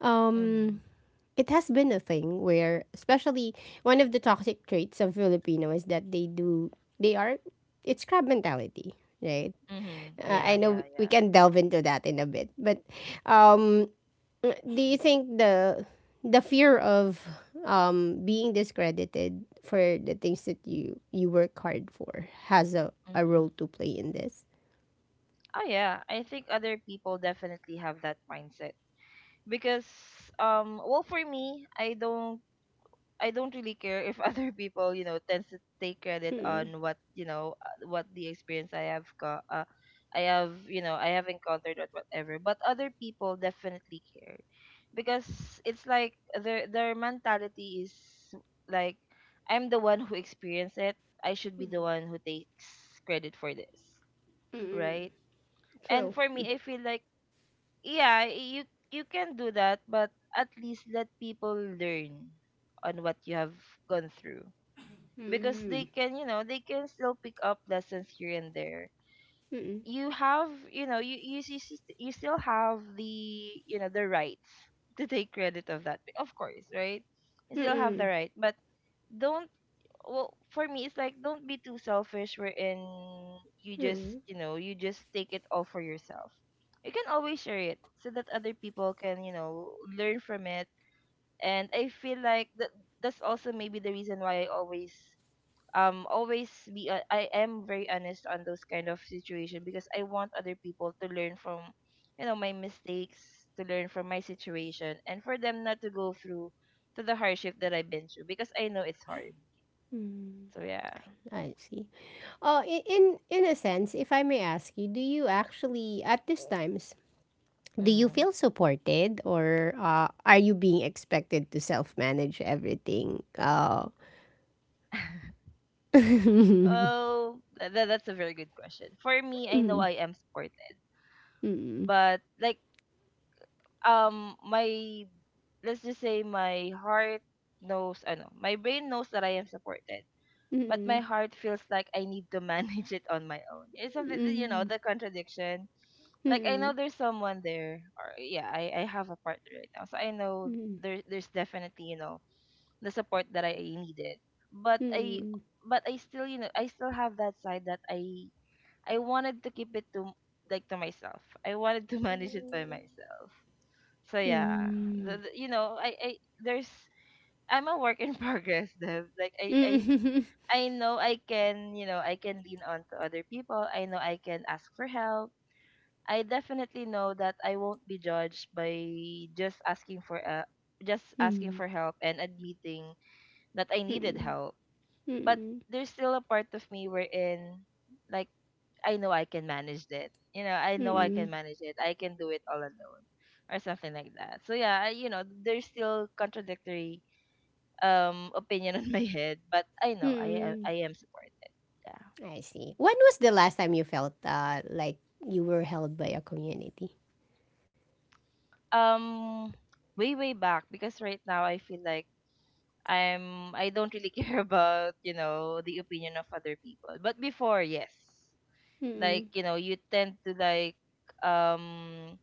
A: Um,
B: mhm.
A: it has been a thing where, especially one of the toxic traits of Filipino is that they do they are it's crab mentality, right?
B: Mhm.
A: I
B: Yeah,
A: know
B: yeah,
A: we
B: yeah.
A: can delve into that in a bit, but um, do you think the fear of being discredited for the things that you work hard for has a
B: Mhm.
A: role to play in this?
B: Oh yeah, I think other people definitely have that mindset because, well, for me, I don't really care if other people, tends to take credit
A: Mm-mm.
B: on what, what the experience I have got, I have, I have encountered, or whatever. But other people definitely care, because it's like their mentality is like, I'm the one who experienced it, I should be the one who takes credit for this,
A: Mm-mm.
B: right?
A: True.
B: And for me, I feel like, yeah, you can do that, but at least let people learn on what you have gone through, because they
A: Mm-mm.
B: can, you know, they can still pick up lessons here and there.
A: Mm-mm.
B: You still have the, the rights to take credit of that. Of course, right? You still have the
A: Mm-mm.
B: right. But, don't... well, for me, it's like, don't be too selfish wherein you just,
A: Mm-mm.
B: you just take it all for yourself. You can always share it so that other people can, learn from it. And I feel like that's also maybe the reason why I always always be I am very honest on those kind of situation, because I want other people to learn from, my mistakes, to learn from my situation, and for them not to go through to the hardship that I've been through, because I know it's hard.
A: Mm,
B: So yeah.
A: I see. In a sense, if I may ask you, do you actually at these times do you
B: Mm-hmm.
A: feel supported or are you being expected to self manage everything?
B: Oh, that's a very good question. For me, I know I am supported,
A: Mm.
B: but, like, my let's just say my heart knows, I know my brain knows that I am supported, but my
A: Mm.
B: heart feels like I need to manage it on my own. It's something,
A: Mm.
B: the contradiction. Like, I know
A: Mm.
B: there's someone there. Or yeah, I have a partner right now, so I know
A: Mm.
B: there's definitely, the support that I needed. but I
A: Mm.
B: but I still, I still have that side that I wanted to keep it to, like, to myself. I wanted to manage it by myself. So
A: Mm.
B: yeah, the,
A: Mm.
B: the- you know, I, I there's I'm a work in progress, Dev. Like, I know I can lean on to other people. I know I can ask for help. I definitely know that I won't be judged by just asking for uh, just asking
A: Mm.
B: for help and admitting that I needed
A: Mm.
B: help. But
A: Mm.
B: there's still a part of me wherein, like, I know I can manage it. You know I
A: Mm.
B: can manage it. I can do it all alone or something like that. So yeah, there's still contradictory opinion on my head, but I know
A: Mm.
B: I am supported. Yeah.
A: I see. When was the last time you felt like you were held by a community?
B: Um Way, way back, because right now I feel like I don't really care about, the opinion of other people. But before, yes. Like, you tend to, like, um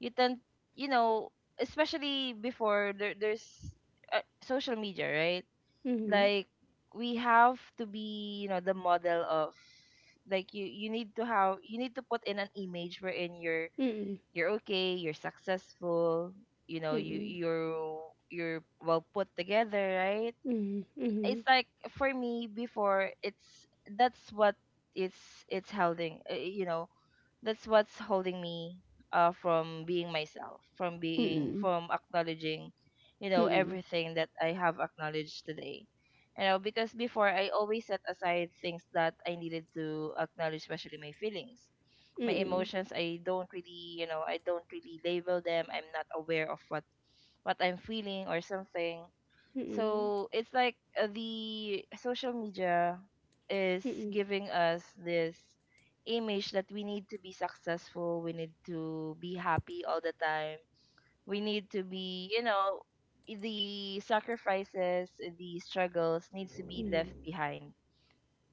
B: you tend you know especially before, there's, social media, right?
A: Mm.
B: Like, we have to be, the model of, like, you need to put in an image wherein you're
A: Mm.
B: you're okay, you're successful, you know you
A: Mm.
B: you're you're well put together, right?
A: Mm. Mm.
B: It's like for me before, it's... that's what it's it's holding you know that's what's holding me, from being myself, from being
A: Mm.
B: from acknowledging,
A: Mm. Mm.
B: everything that I have acknowledged today. You know, because before, I always set aside things that I needed to acknowledge, especially my feelings,
A: Mm.
B: my
A: Mm.
B: emotions. I don't really, label them. I'm not aware of what, I'm feeling or something.
A: Mm.
B: So it's like, the social media is
A: Mm.
B: giving us this image that we need to be successful, we need to be happy all the time, we need to be, you know, the sacrifices, the struggles needs to be left behind.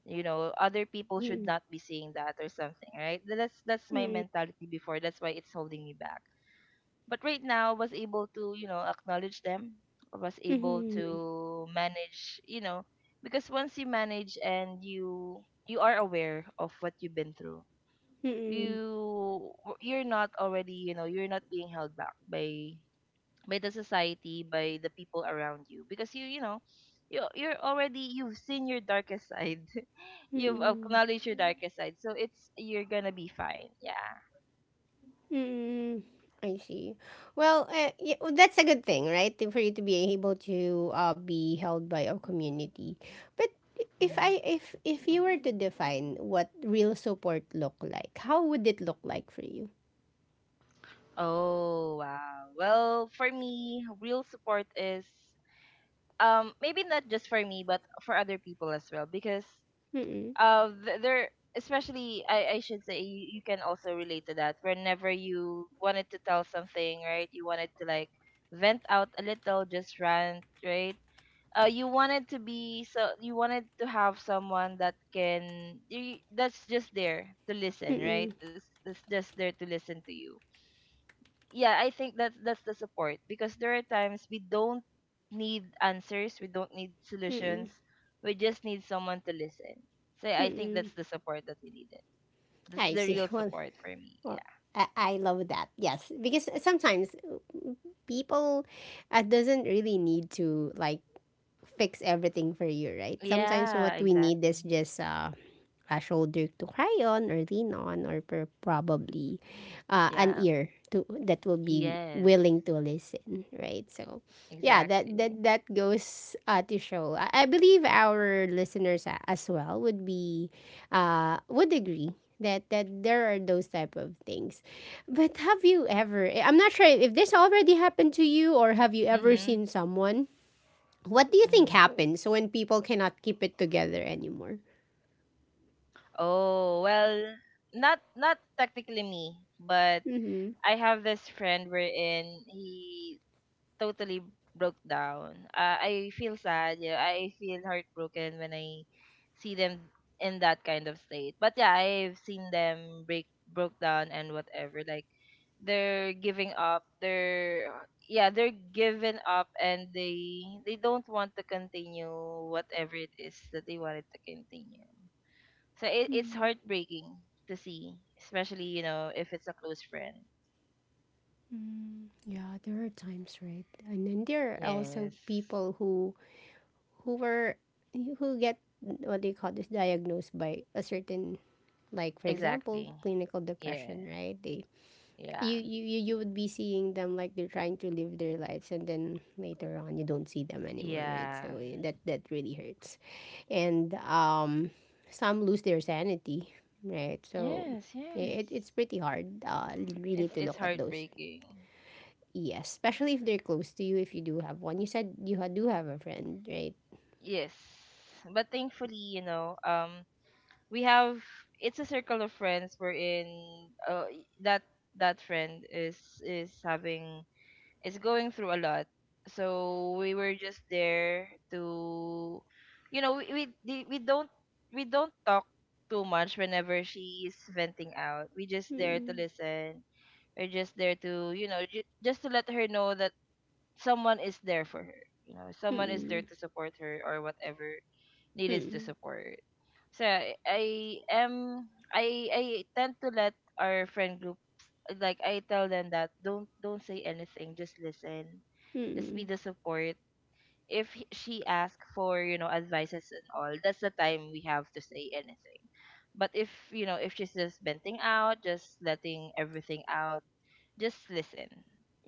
B: Other people should not be seeing that or something, right? That's
A: Mm.
B: my
A: Mm. Mm.
B: mentality before. That's why it's holding me back, but right now was able to acknowledge them. I was
A: Mm.
B: able
A: Mm.
B: to manage, because once you manage and you are aware of what you've been through,
A: Mm.
B: you you're not already, you're not being held back by the society, by the people around you because you know you're already, you've seen your darkest side. You've
A: Mm.
B: acknowledged your darkest side, so it's you're gonna be fine, yeah.
A: Mm, I see. Well, yeah, well, that's a good thing, right? For you to be able to be held by a community. But if you were to define what real support look like, how would it look like for you?
B: Oh, wow. Well, for me, real support is, maybe not just for me but for other people as well because
A: Mm-mm,
B: there, especially I should say you, you can also relate to that whenever you wanted to tell something, right? You wanted to, like, vent out a little, just rant, right? You wanted to be so you wanted to have someone that can that's just there to listen,
A: mm-mm,
B: right? That's just there to listen to you. Yeah, I think that that's the support because there are times we don't need answers, we don't need
A: mm-mm,
B: solutions, we just need someone to listen. So I think
A: mm-mm.
B: that's the support that we needed. That's
A: I
B: the
A: see.
B: real
A: Well,
B: support for me.
A: well, I love that. Yes, because sometimes people doesn't really need to like fix everything for you, right? Sometimes
B: Yeah,
A: what we need
B: exactly.
A: is just a shoulder to cry on or lean on or probably an
B: Yeah.
A: ear to that will be
B: Yes.
A: willing to listen, right? So yeah, that
B: Exactly.
A: goes to show I believe our listeners as well would be would agree that that there are those type of things. But have you ever I'm not sure if this already happened to you, or have you ever
B: Mhm.
A: seen someone, what do you think
B: Mhm.
A: happens when people cannot keep it together anymore?
B: Oh, well, not technically me, but
A: Mm-hmm.
B: I have this friend wherein he totally broke down. I feel sad. Yeah, I feel heartbroken when I see them in that kind of state. But yeah, I've seen them break broke down and whatever. Like, they're giving up. They're, yeah, they're given up and they don't want to continue whatever it is that they wanted to continue. So it's heartbreaking to see, especially, you know, if it's a close friend.
A: Mm, yeah, there are times, right? And then there are also
B: Yes,
A: people who were who get what they call this, diagnosed by a certain, like, for example,
B: exactly.
A: clinical
B: Yeah,
A: depression, right? They
B: yeah.
A: you would be seeing them like they're trying to live their lives, and then later on you don't see them anymore, right?
B: Yeah.
A: So that that really hurts, and some lose their sanity, right? So
B: Yes,
A: yeah, it, it's
B: yes.
A: pretty hard really to
B: It's
A: look at those.
B: heartbreaking.
A: Yes, especially if they're close to you, if you do have one. You said you do have a friend, right?
B: Yes. But thankfully, you know, we have, it's a circle of friends we're in, that that friend is having, is going through a lot. So we were just there to, you know, we don't, we don't talk too much whenever she's venting out. We just there to
A: Mm-mm,
B: listen. We're just there to, you know, just to let her know that someone is there for her. You know, someone is there
A: mm-mm,
B: to support her or whatever needed to support. So I am I tend to let our friend groups, like, I tell them that don't say anything, just listen, just
A: mm-mm,
B: be the support. If she asks for, you know, advices and all, that's the time we have to say anything. But, if you know, if she's just venting out, just letting everything out, just listen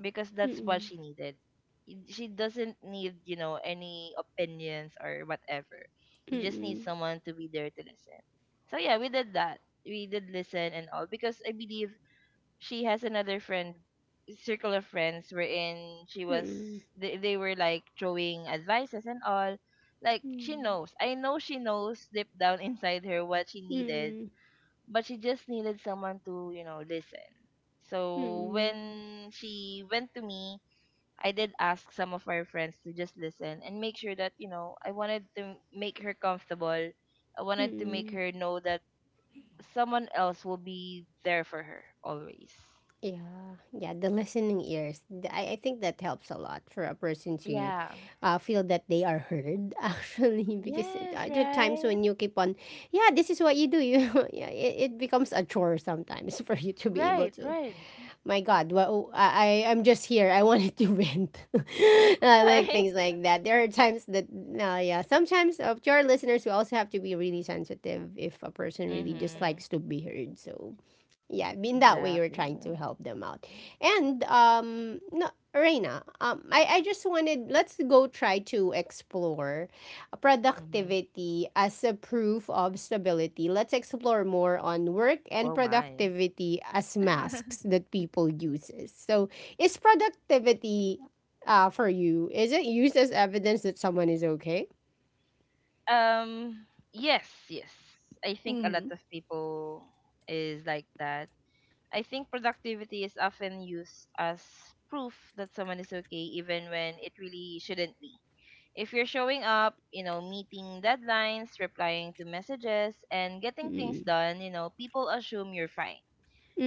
B: because that's what she
A: mm-mm,
B: needed. She doesn't need, you know, any opinions or whatever. You
A: mm-mm, mm-mm,
B: just need
A: mm-mm,
B: someone to be there to listen. So yeah, we did that. We did listen and all because I believe she has another friend, circle of friends, wherein she was,
A: mm-mm,
B: they were like throwing advices and all. Like, she knows. I know she knows deep down inside her what she needed,
A: mm-mm,
B: but she just needed someone to, you know, listen. So
A: mm-mm,
B: when she went to me, I did ask some of our friends to just listen and make sure that, you know, I wanted to make her comfortable. I wanted to make
A: mm-mm.
B: her know that someone else will be there for her always.
A: Yeah, yeah, the listening ears. I think that helps a lot for a person to
B: Yeah.
A: feel that they are heard, actually, because
B: Yes.
A: there are times
B: Right.
A: when you keep on, yeah, this is what you do, you yeah, it becomes a chore sometimes for you to be able
B: Right.
A: to
B: Right.
A: my God, well, I I'm just here. I wanted to vent. Like
B: Right.
A: things like that. There are times that, yeah, sometimes to our listeners, we also have to be really sensitive if a person really just
B: Mhm.
A: likes to be heard. So, yeah, in that way, we're trying
B: Exactly.
A: to help them out. And no, Reina, I just wanted let's go try to explore
B: Mhm.
A: productivity as a proof of stability, let's explore more on work and
B: Oh my.
A: productivity as masks that people uses. So, is productivity for you, is it used as evidence that someone is okay?
B: Um, yes, yes. I think a lot of people is like that. I think productivity is often used as proof that someone is okay even when it really shouldn't be. If you're showing up, you know, meeting deadlines, replying to messages and getting things
A: Mm.
B: done, you know, people assume you're fine.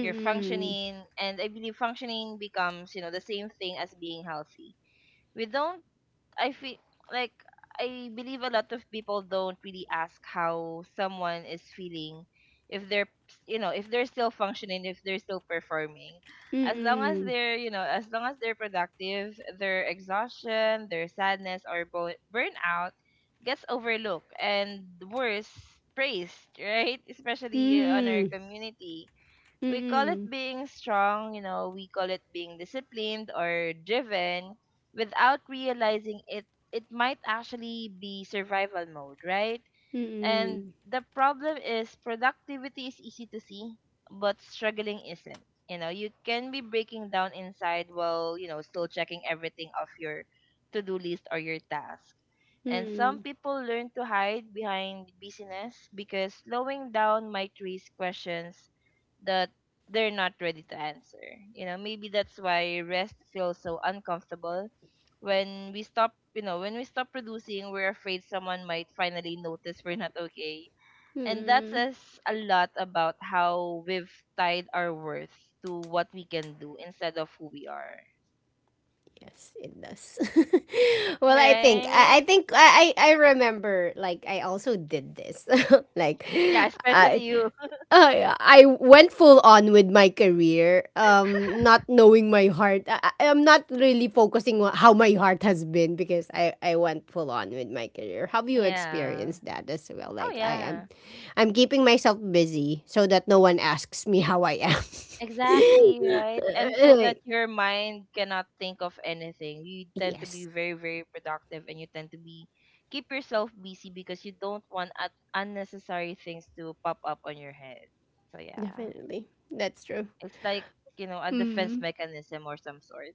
B: You're functioning, and I believe functioning becomes, you know, the same thing as being healthy. We don't, I feel like, I believe a lot of people don't really ask how someone is feeling if they're, you know, if they're still functioning, if they're still performing. As long as
A: Mm-mm.
B: they're, you know, as long as they're productive, their exhaustion, their sadness or burnout gets overlooked and, worse, praised. Right, especially on
A: Mm-mm.
B: our community, we call it
A: Mm-mm.
B: being strong, you know, we call it being disciplined or driven without realizing it it might actually be survival mode, right? And
A: Mm-mm.
B: the problem is productivity is easy to see, but struggling isn't. You know, you can be breaking down inside while, you know, still checking everything off your to do list or your task. And some
A: Mm-mm.
B: people learn to hide behind busyness because slowing down might raise questions that they're not ready to answer. You know, maybe that's why rest feels so uncomfortable. When we stop, you know, when we stop producing, we're afraid someone might finally notice we're not okay. And that
A: Mm-mm.
B: says a lot about how we've tied our worth to what we can do instead of who we are.
A: Yes, it does. Well, I
B: Right.
A: think I remember like I also did this. Like
B: Yeah,
A: I
B: especially you.
A: I went full on with my career, not knowing my heart. I'm not really focusing on how my heart has been because I went full on with my career. Have you
B: Yeah.
A: experienced that as well?
B: Oh
A: Like I am,
B: yeah.
A: I'm keeping myself busy so that no one asks me how I am.
B: Exactly, right? And so that
A: Like,
B: your mind cannot think of anything. You tend to be
A: yes,
B: very, very productive and you tend to be, keep yourself busy because you don't want unnecessary things to pop up on your head. So yeah,
A: definitely. That's true.
B: it's like, you know, a defense
A: Mm.
B: mechanism or some sort.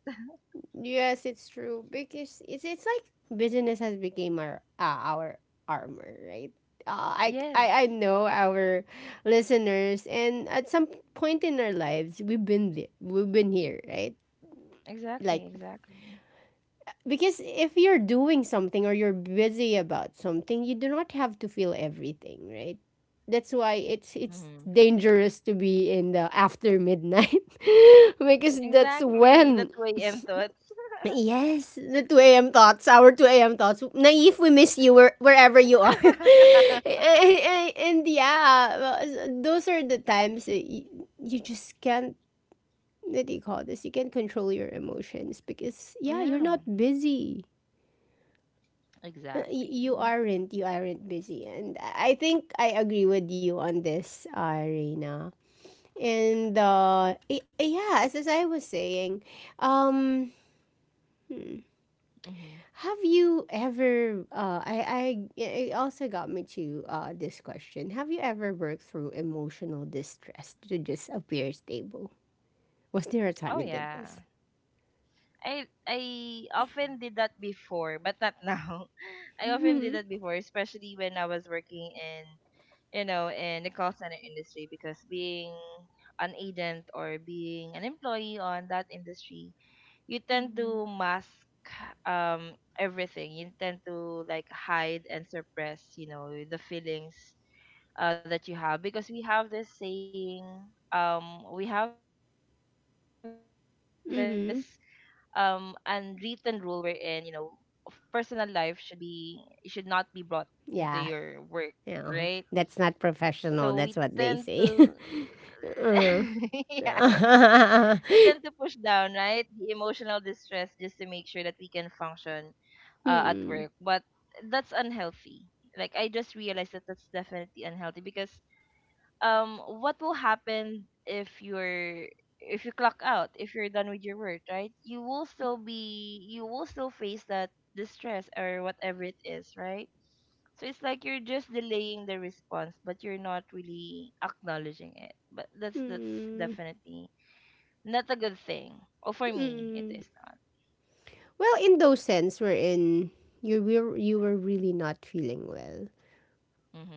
A: Yes, it's true because it's like business has become our armor, right?
B: Yes.
A: I know our listeners, and at some point in our lives, we've been there, we've been here, right? Like
B: Exactly, exactly.
A: because if you're doing something or you're busy about something, you do not have to feel everything, right? That's why it's
B: Hmm.
A: dangerous to be in the after midnight because that's
B: Exactly. That
A: when.
B: way M thoughts.
A: Yes, the 2 a.m. thoughts, our 2 a.m. thoughts. Naive, we miss you where, wherever you are. And yeah, those are the times that you just can't, what do you call this? You can't control your emotions because, yeah, you're
B: Yeah,
A: not busy.
B: exactly.
A: You aren't, you aren't busy. And I think I agree with you on this, Irina. And yeah, as I was saying, um,
B: Hmm.
A: have you ever I it also got me to this question. Have you ever worked through emotional distress to just appear stable? Was there a
B: Oh
A: time you did this?
B: yeah. I often did that before, but not now. I often did
A: Mm-hmm.
B: that before, especially when I was working in, you know, in the call center industry because being an agent or being an employee on that industry, you tend
A: Mm.
B: to mask, everything. You tend to, like, hide and suppress, you know, the feelings that you have because we have this saying, we have this unwritten rule
A: Mm-hmm.
B: wherein, you know, personal life should be, should not be brought into your work,
A: Yeah.
B: right?
A: Yeah. Uh-huh. That's
B: So
A: not
B: we
A: professional.
B: tend
A: That's what
B: to
A: they say. Uh.
B: yeah, we tend to
A: Mm-mm.
B: push down, right, the emotional distress just to make sure that we can function, at work.
A: Mm.
B: But that's unhealthy. Like, I just realized that that's definitely unhealthy because, what will happen if you're, if you clock out, if you're done with your work, right? You will still be, you will still face that distress or whatever it is, right? So it's like you're just delaying the response, but you're not really acknowledging it. But that's definitely not a good thing, or for me it
A: Mm.
B: is not.
A: Well, in those sense, wherein you were really not feeling well,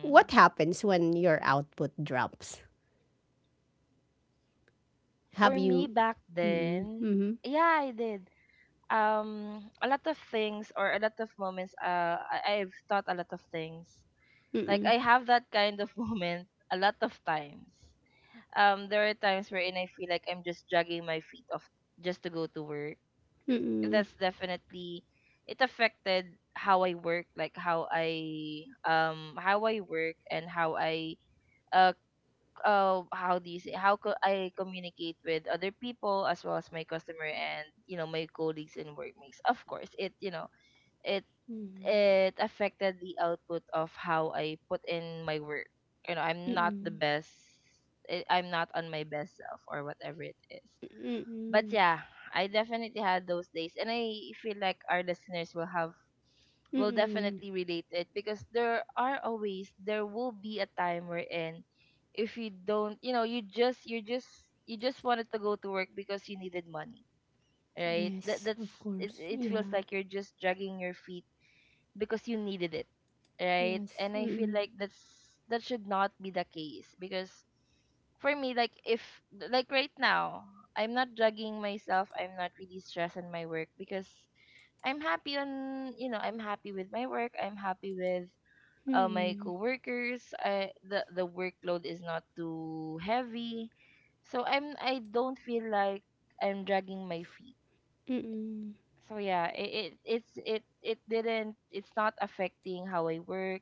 A: what happens when your output drops?
B: For
A: Have
B: me
A: you?
B: back
A: Mm-mm,
B: then,
A: mm-mm,
B: yeah, I did, a lot of things or a lot of moments, I, I've thought a lot of things. Like,
A: mm-mm,
B: I have that kind of moment a lot of times. There are times wherein I feel like I'm just dragging my feet off just to go to work.
A: mm-mm,
B: That's definitely, it affected how I work, like, how I, how I work and how I, uh, how do you say, I communicate with other people as well as my customer and, you know, my colleagues and workmates. Of course, it, you know, it it affected the output of how I put in my work. You know, I'm not the
A: mm-mm,
B: best. I'm not on my best self or whatever it is.
A: mm-mm, mm-mm,
B: But yeah, I definitely had those days, and I feel like our listeners will have, will
A: mm-mm.
B: definitely relate to it because there are always, there will be a time wherein, if you don't, you know, you just, you just wanted to go to work because you needed money, right? That
A: Yes,
B: that's
A: of
B: it.
A: course.
B: It feels
A: Yeah.
B: like you're just dragging your feet because you needed it, right?
A: Yes.
B: And I feel
A: Mm-mm,
B: like that's, that should not be the case because for me, like, if like right now, I'm not drugging myself. I'm not really stressed in my work because I'm happy on, you know, I'm happy with my work. I'm happy with, my
A: mm-mm,
B: coworkers. I The workload is not too heavy, so I'm, I don't feel like I'm dragging my feet.
A: mm-mm,
B: So yeah, it didn't, it's not affecting how I work.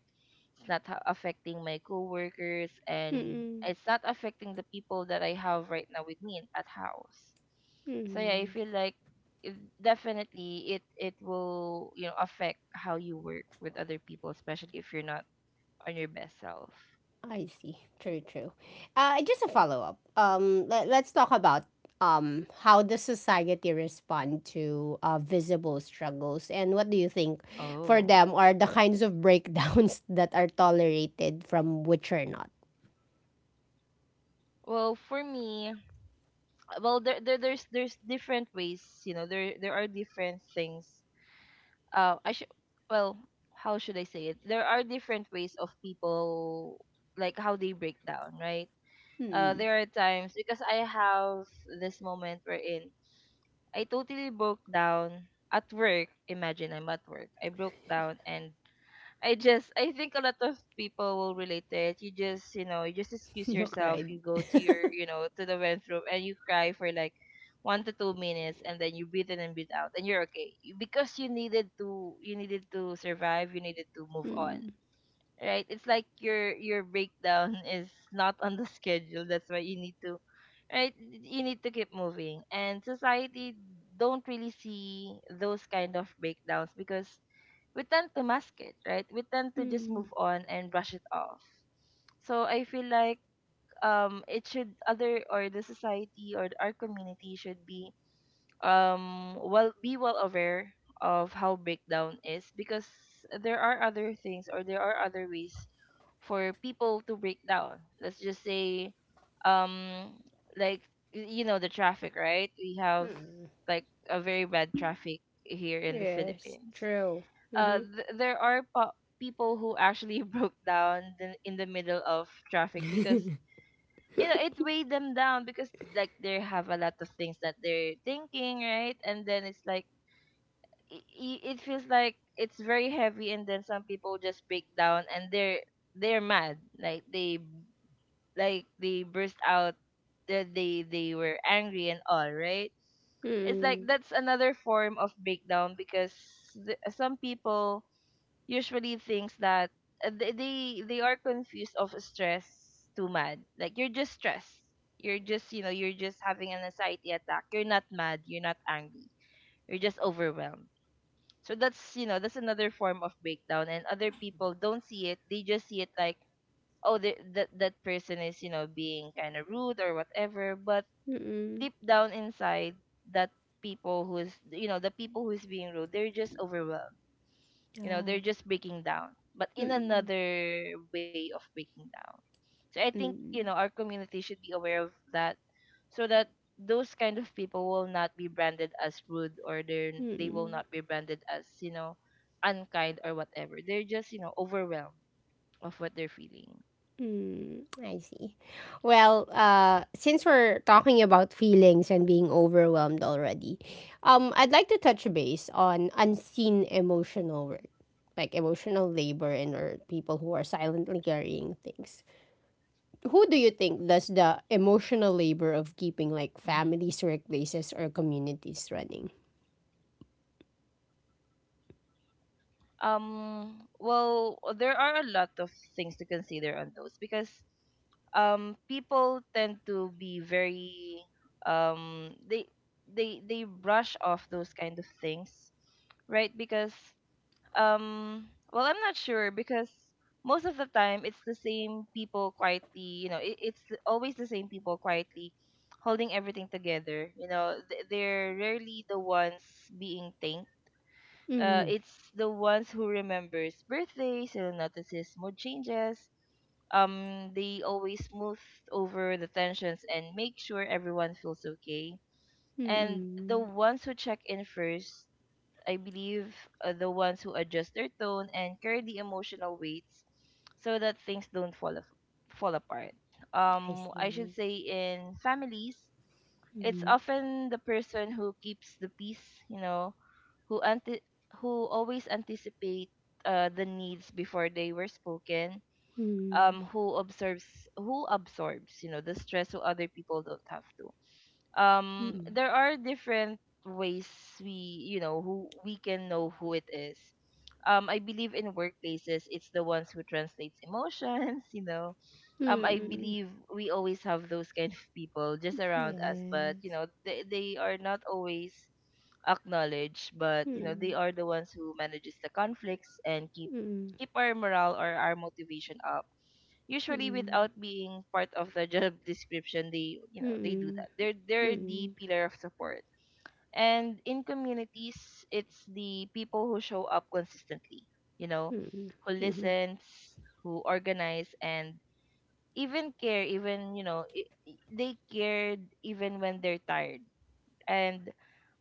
B: It's not affecting my coworkers, and
A: mm-mm,
B: it's not affecting the people that I have right now with me in- at house. So yeah, I
A: mm-mm.
B: feel like it- definitely it it will, you know, affect how you work with other people, especially if you're not on your best self.
A: I see. True, true. Just a follow up. Let's talk about how does society respond to visible struggles, and what do you think for
B: Oh,
A: them are the kinds of breakdowns that are tolerated from which are not?
B: well, for me, well, there's different ways, you know, there are different things, I should, well, how should I say it? There are different ways of people like how they break down, right?
A: Hmm.
B: There are times because I have this moment wherein I totally broke down at work. Imagine I'm at work. I broke down, and I just, I think a lot of people will relate to it. You just, you know, you just excuse
A: You
B: yourself.
A: cried.
B: You go to your, you know, to the bathroom and you cry for like 1 to 2 minutes, and then you breathe in and breathe out, and you're okay. Because you needed to, you needed to survive. You needed to move on.
A: Hmm.
B: Right? It's like your breakdown is not on the schedule. That's why you need to right you need to keep moving and society don't really see those kind of breakdowns because we tend to mask it, right? We tend to just
A: Hmm.
B: move on and brush it off. So I feel like it should other or the society or our community should be well be well aware of how breakdown is because there are other things or there are other ways for people to break down. Let's just say um like you know the traffic, right? We have like a very bad traffic here in the
A: Yes.
B: Philippines.
A: True. Mm-hmm.
B: There are people who actually broke down in the middle of traffic because you know it weighed them down because like they have a lot of things that they're thinking, right? And then it's like it feels like it's very heavy, and then some people just break down and they're mad, like they burst out, that they were angry and all, right? It's like
A: Mm-mm.
B: that's another form of breakdown because some people usually thinks that uh, they they they are confused of stress to mad. Like you're just stressed. You're just you know you're just having an anxiety attack. You're not mad. You're not angry. You're just overwhelmed. So that's you know that's another form of breakdown. And other people don't see it. They just see it like oh that that person is you know being kind of rude or whatever. But
A: Mm-mm.
B: deep down inside, that people who is you know the people who is being rude, they're just overwhelmed
A: Yeah.
B: you know they're just breaking down but in
A: Mm-mm.
B: another way of breaking down so I think you know
A: Mm-mm.
B: our community should be aware of that so that those kind of people will not be branded as rude or they will
A: Mm-mm.
B: not be branded as you know unkind or whatever they're just you know overwhelmed of what they're feeling.
A: Mm, I see. Well, since we're talking about feelings and being overwhelmed
B: Mm-hmm.
A: already, I'd like to touch base on unseen emotional work, like emotional labor and or people who are silently carrying things. Who do you think does the emotional labor of
B: Mm-hmm.
A: keeping like families, workplaces, or communities running?
B: There are a lot of things to consider on those because people tend to be very um they they brush off those kind of things, right? Because well, I'm not sure because most of the time it's the same people quietly, you know, it's always the same people quietly holding everything together. You know, they're rarely the ones being thanked.
A: Mm,
B: It's the ones who remembers birthdays and notices mood changes. They always smooth over the tensions and make sure everyone feels okay. And the
A: mm,
B: ones who check in first, I believe, are the ones who adjust their tone and carry the emotional weights so that things don't fall apart.
A: I
B: I should
A: see.
B: say in families, it's
A: Mm,
B: often the person who keeps the peace, you know, who anti- who always anticipate the needs before they were spoken.
A: mm,
B: Who observes who absorbs you know the stress so other people don't have to.
A: mm,
B: There are different ways we you know who we can know who it is. I believe in workplaces it's the ones who translates emotions you know. I
A: mm,
B: believe we always have those kind of people just around us but you
A: yes.
B: know they are not always acknowledge but you know they
A: Mm.
B: are the ones who manages the conflicts and keep
A: Mm.
B: keep our morale or our motivation up usually
A: Mm,
B: without being part of the job description they you know they do
A: mm,
B: that they're the
A: mm,
B: pillar of support and in communities it's the people who show up consistently you know
A: mm,
B: who
A: mhm,
B: listens who organize and even care even you know they cared even when they're tired and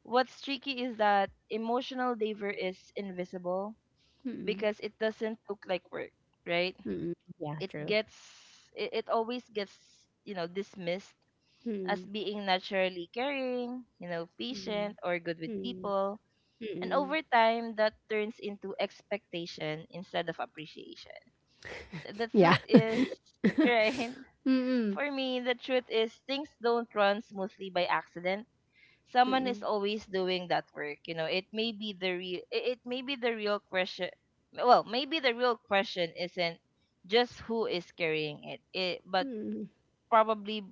B: what's tricky is that emotional labor is invisible
A: mm,
B: because it doesn't look like work, right?
A: mm. Yeah,
B: It
A: true.
B: gets it always gets, you know, dismissed as
A: Mm,
B: being naturally caring, you know, patient
A: mm,
B: or good with
A: mm,
B: people. And
A: mm.
B: over time that turns into expectation instead of appreciation. The
A: Yeah.
B: truth is right.
A: Mm, mm,
B: For me, the truth is things don't run smoothly by accident someone is
A: mm,
B: always doing that work you know it may be the real it may be the real question well maybe the real question isn't just who is carrying it but
A: mm,
B: probably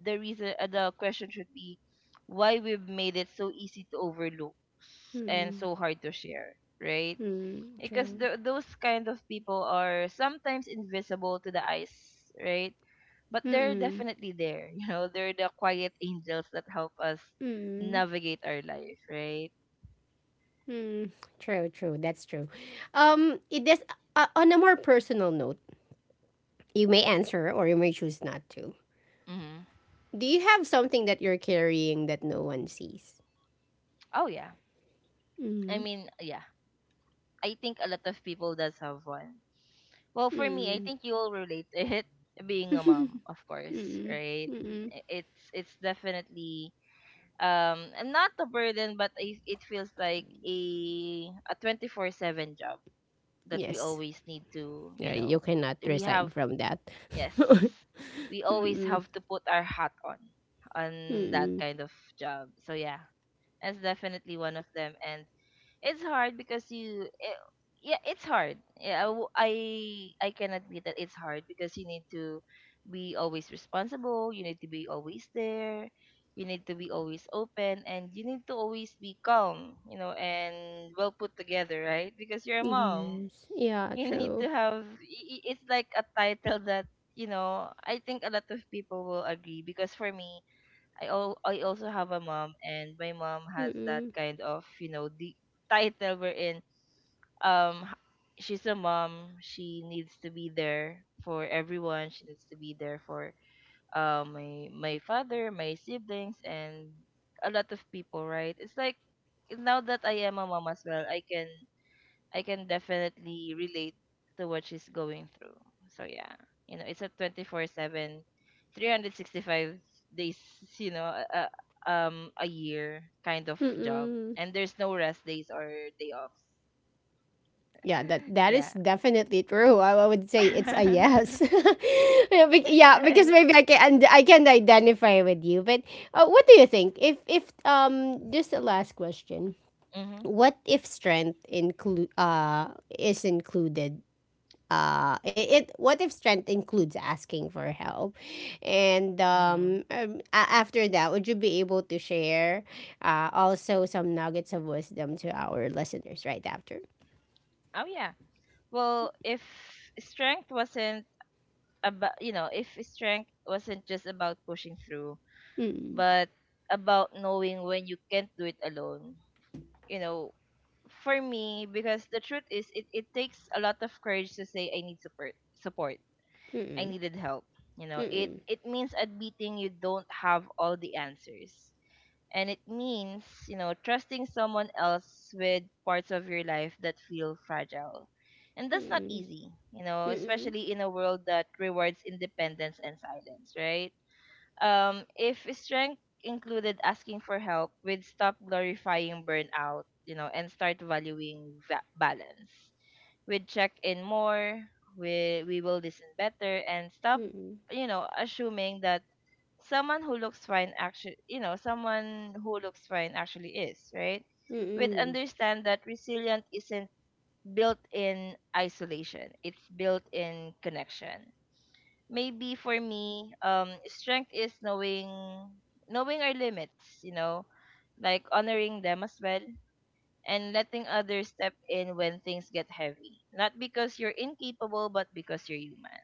B: the reason the question should be why we've made it so easy to overlook and so hard to share right
A: mm.
B: because
A: True.
B: those kind of people are sometimes invisible to the eyes right but they're
A: Mm,
B: definitely there. You know, they're the quiet angels that help us
A: mm, mm.
B: navigate our life, right?
A: True, true. That's true. It is on a more personal note. You may answer or you may choose not to.
B: Hmm.
A: Do you have something that you're carrying that no one sees?
B: Oh yeah. I
A: Mm,
B: mean, yeah. I think a lot of people does have one. Well, for me, I
A: mm,
B: think you will relate to it being a mom, of course,
A: mm,
B: right?
A: mm.
B: It's definitely and not a burden, but it feels like a 24/7 job that we
A: Yes.
B: always need to, you
A: Yeah, you
B: know,
A: cannot
B: we
A: resign
B: have.
A: from that.
B: Yes. We always
A: Mm-mm.
B: have to put our hat on that
A: Mm-mm.
B: kind of job. So yeah, that's definitely one of them and it's hard because you eh, yeah, it's hard. Yeah, I can admit that it's hard because you need to be always responsible, you need to be always there, you need to be always open and you need to always be calm, you know, and well put together, right? Because you're a mom
A: Yes. Yeah,
B: you need to
A: true.
B: have it's like a title that you know I think a lot of people will agree because for me I all I also have a mom and my mom has that
A: Mm-mm.
B: kind of you know the title wherein um h- she's a mom she needs to be there for everyone she needs to be there for uh, my father my siblings and a lot of people right it's like now that I am a mom as well I can definitely relate to what she's going through. So yeah, you know, it's a 24/7, 365 days, you know, a year kind of job.
A: Mm-mm.
B: And there's no rest days or day offs.
A: Yeah, that that
B: yeah.
A: is definitely true. I would say it's a yes. Yeah, yeah,
B: right.
A: because maybe I can and I can identify with you. But what do you think? If um, just a last question.
B: Mhm.
A: What if strength include is included it, it What if strength includes asking for help, and
B: Mhm.
A: after that would you be able to share also some nuggets of wisdom to our listeners right after?
B: Oh yeah. Well, if strength wasn't about, you know, if strength wasn't just about pushing through,
A: Mm-mm.
B: but about knowing when you can't do it alone you know for me because the truth is it takes a lot of courage to say I need support. I
A: Mm-mm.
B: needed help. You know, it
A: Mm-mm.
B: it means admitting you don't have all the answers. And it means, you know, trusting someone else with parts of your life that feel fragile. And that's not
A: Mm-mm.
B: easy, you know,
A: Mm-mm.
B: especially in a world that rewards independence and silence, right? If strength included asking for help, we'd stop glorifying burnout, you know, and start valuing balance. We'd check in more, we will listen better, and stop,
A: Mm-mm.
B: you know, assuming that someone who looks fine actually, you know, someone who looks fine actually is, right? We'd
A: Mm-mm.
B: understand that resilience isn't built in isolation, it's built in connection maybe for me strength is knowing knowing our limits you know like honoring them as well and letting others step in when things get heavy not because you're incapable but because you're human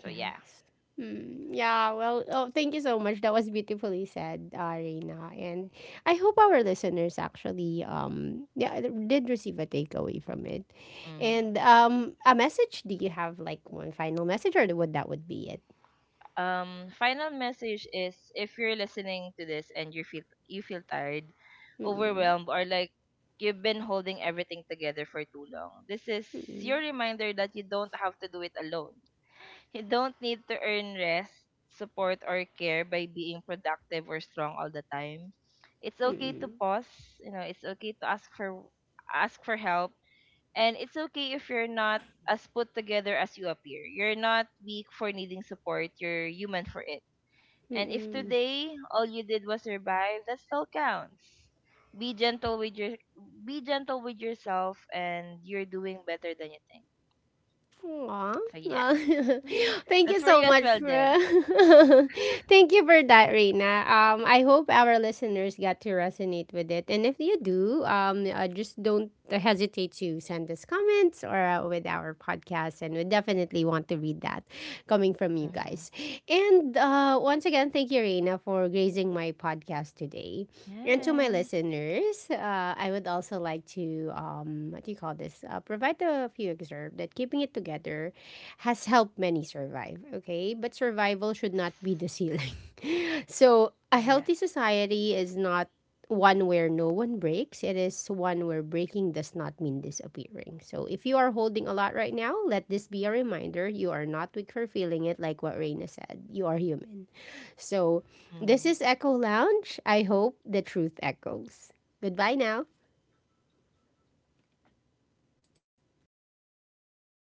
B: so yeah.
A: Yes. Mm, yeah, well, oh, thank you so much. That was beautifully said, Reina. And I hope our listeners actually yeah, did receive a takeaway from it.
B: Hmm.
A: And a message, do you have like one final message or would that would be it?
B: Final message is if you're listening to this and you feel tired
A: Mm-mm,
B: overwhelmed or like you've been holding everything together for too long this is
A: mm-mm,
B: your reminder that you don't have to do it alone. You don't need to earn rest, support, or care by being productive or strong all the time. It's okay to
A: mm-mm,
B: pause. You know, it's okay to ask for help, and it's okay if you're not as put together as you appear. You're not weak for needing support. You're human for it. And if
A: mm-mm.
B: today all you did was survive, that still counts. Be gentle with your be gentle with yourself, and you're doing better than you think.
A: Aw.
B: So yeah,
A: Well, thank
B: that's
A: you
B: for you
A: so
B: as
A: much
B: well,
A: for
B: Deb.
A: thank you for that, Reina. I hope our listeners got to resonate with it, and if you do, just don't hesitate to send us comments or with our podcast, and we definitely want to read that coming from you
B: Mhm.
A: guys. And once again, thank you, Reina, for gracing my podcast today. And to my
B: Yes.
A: listeners, I would also like to, what do you call this, provide a few excerpt that keeping it together has helped many survive, okay? But survival should
B: Yes.
A: not be the ceiling. So, a healthy
B: Yes.
A: society is not one where no one breaks, it is one where breaking does not mean disappearing. So, if you are holding a lot right now, let this be a reminder you are not weak for feeling it, like what Reina said. You are human. So, this
B: Mhm.
A: is Echo Lounge. I hope the truth echoes. Goodbye now.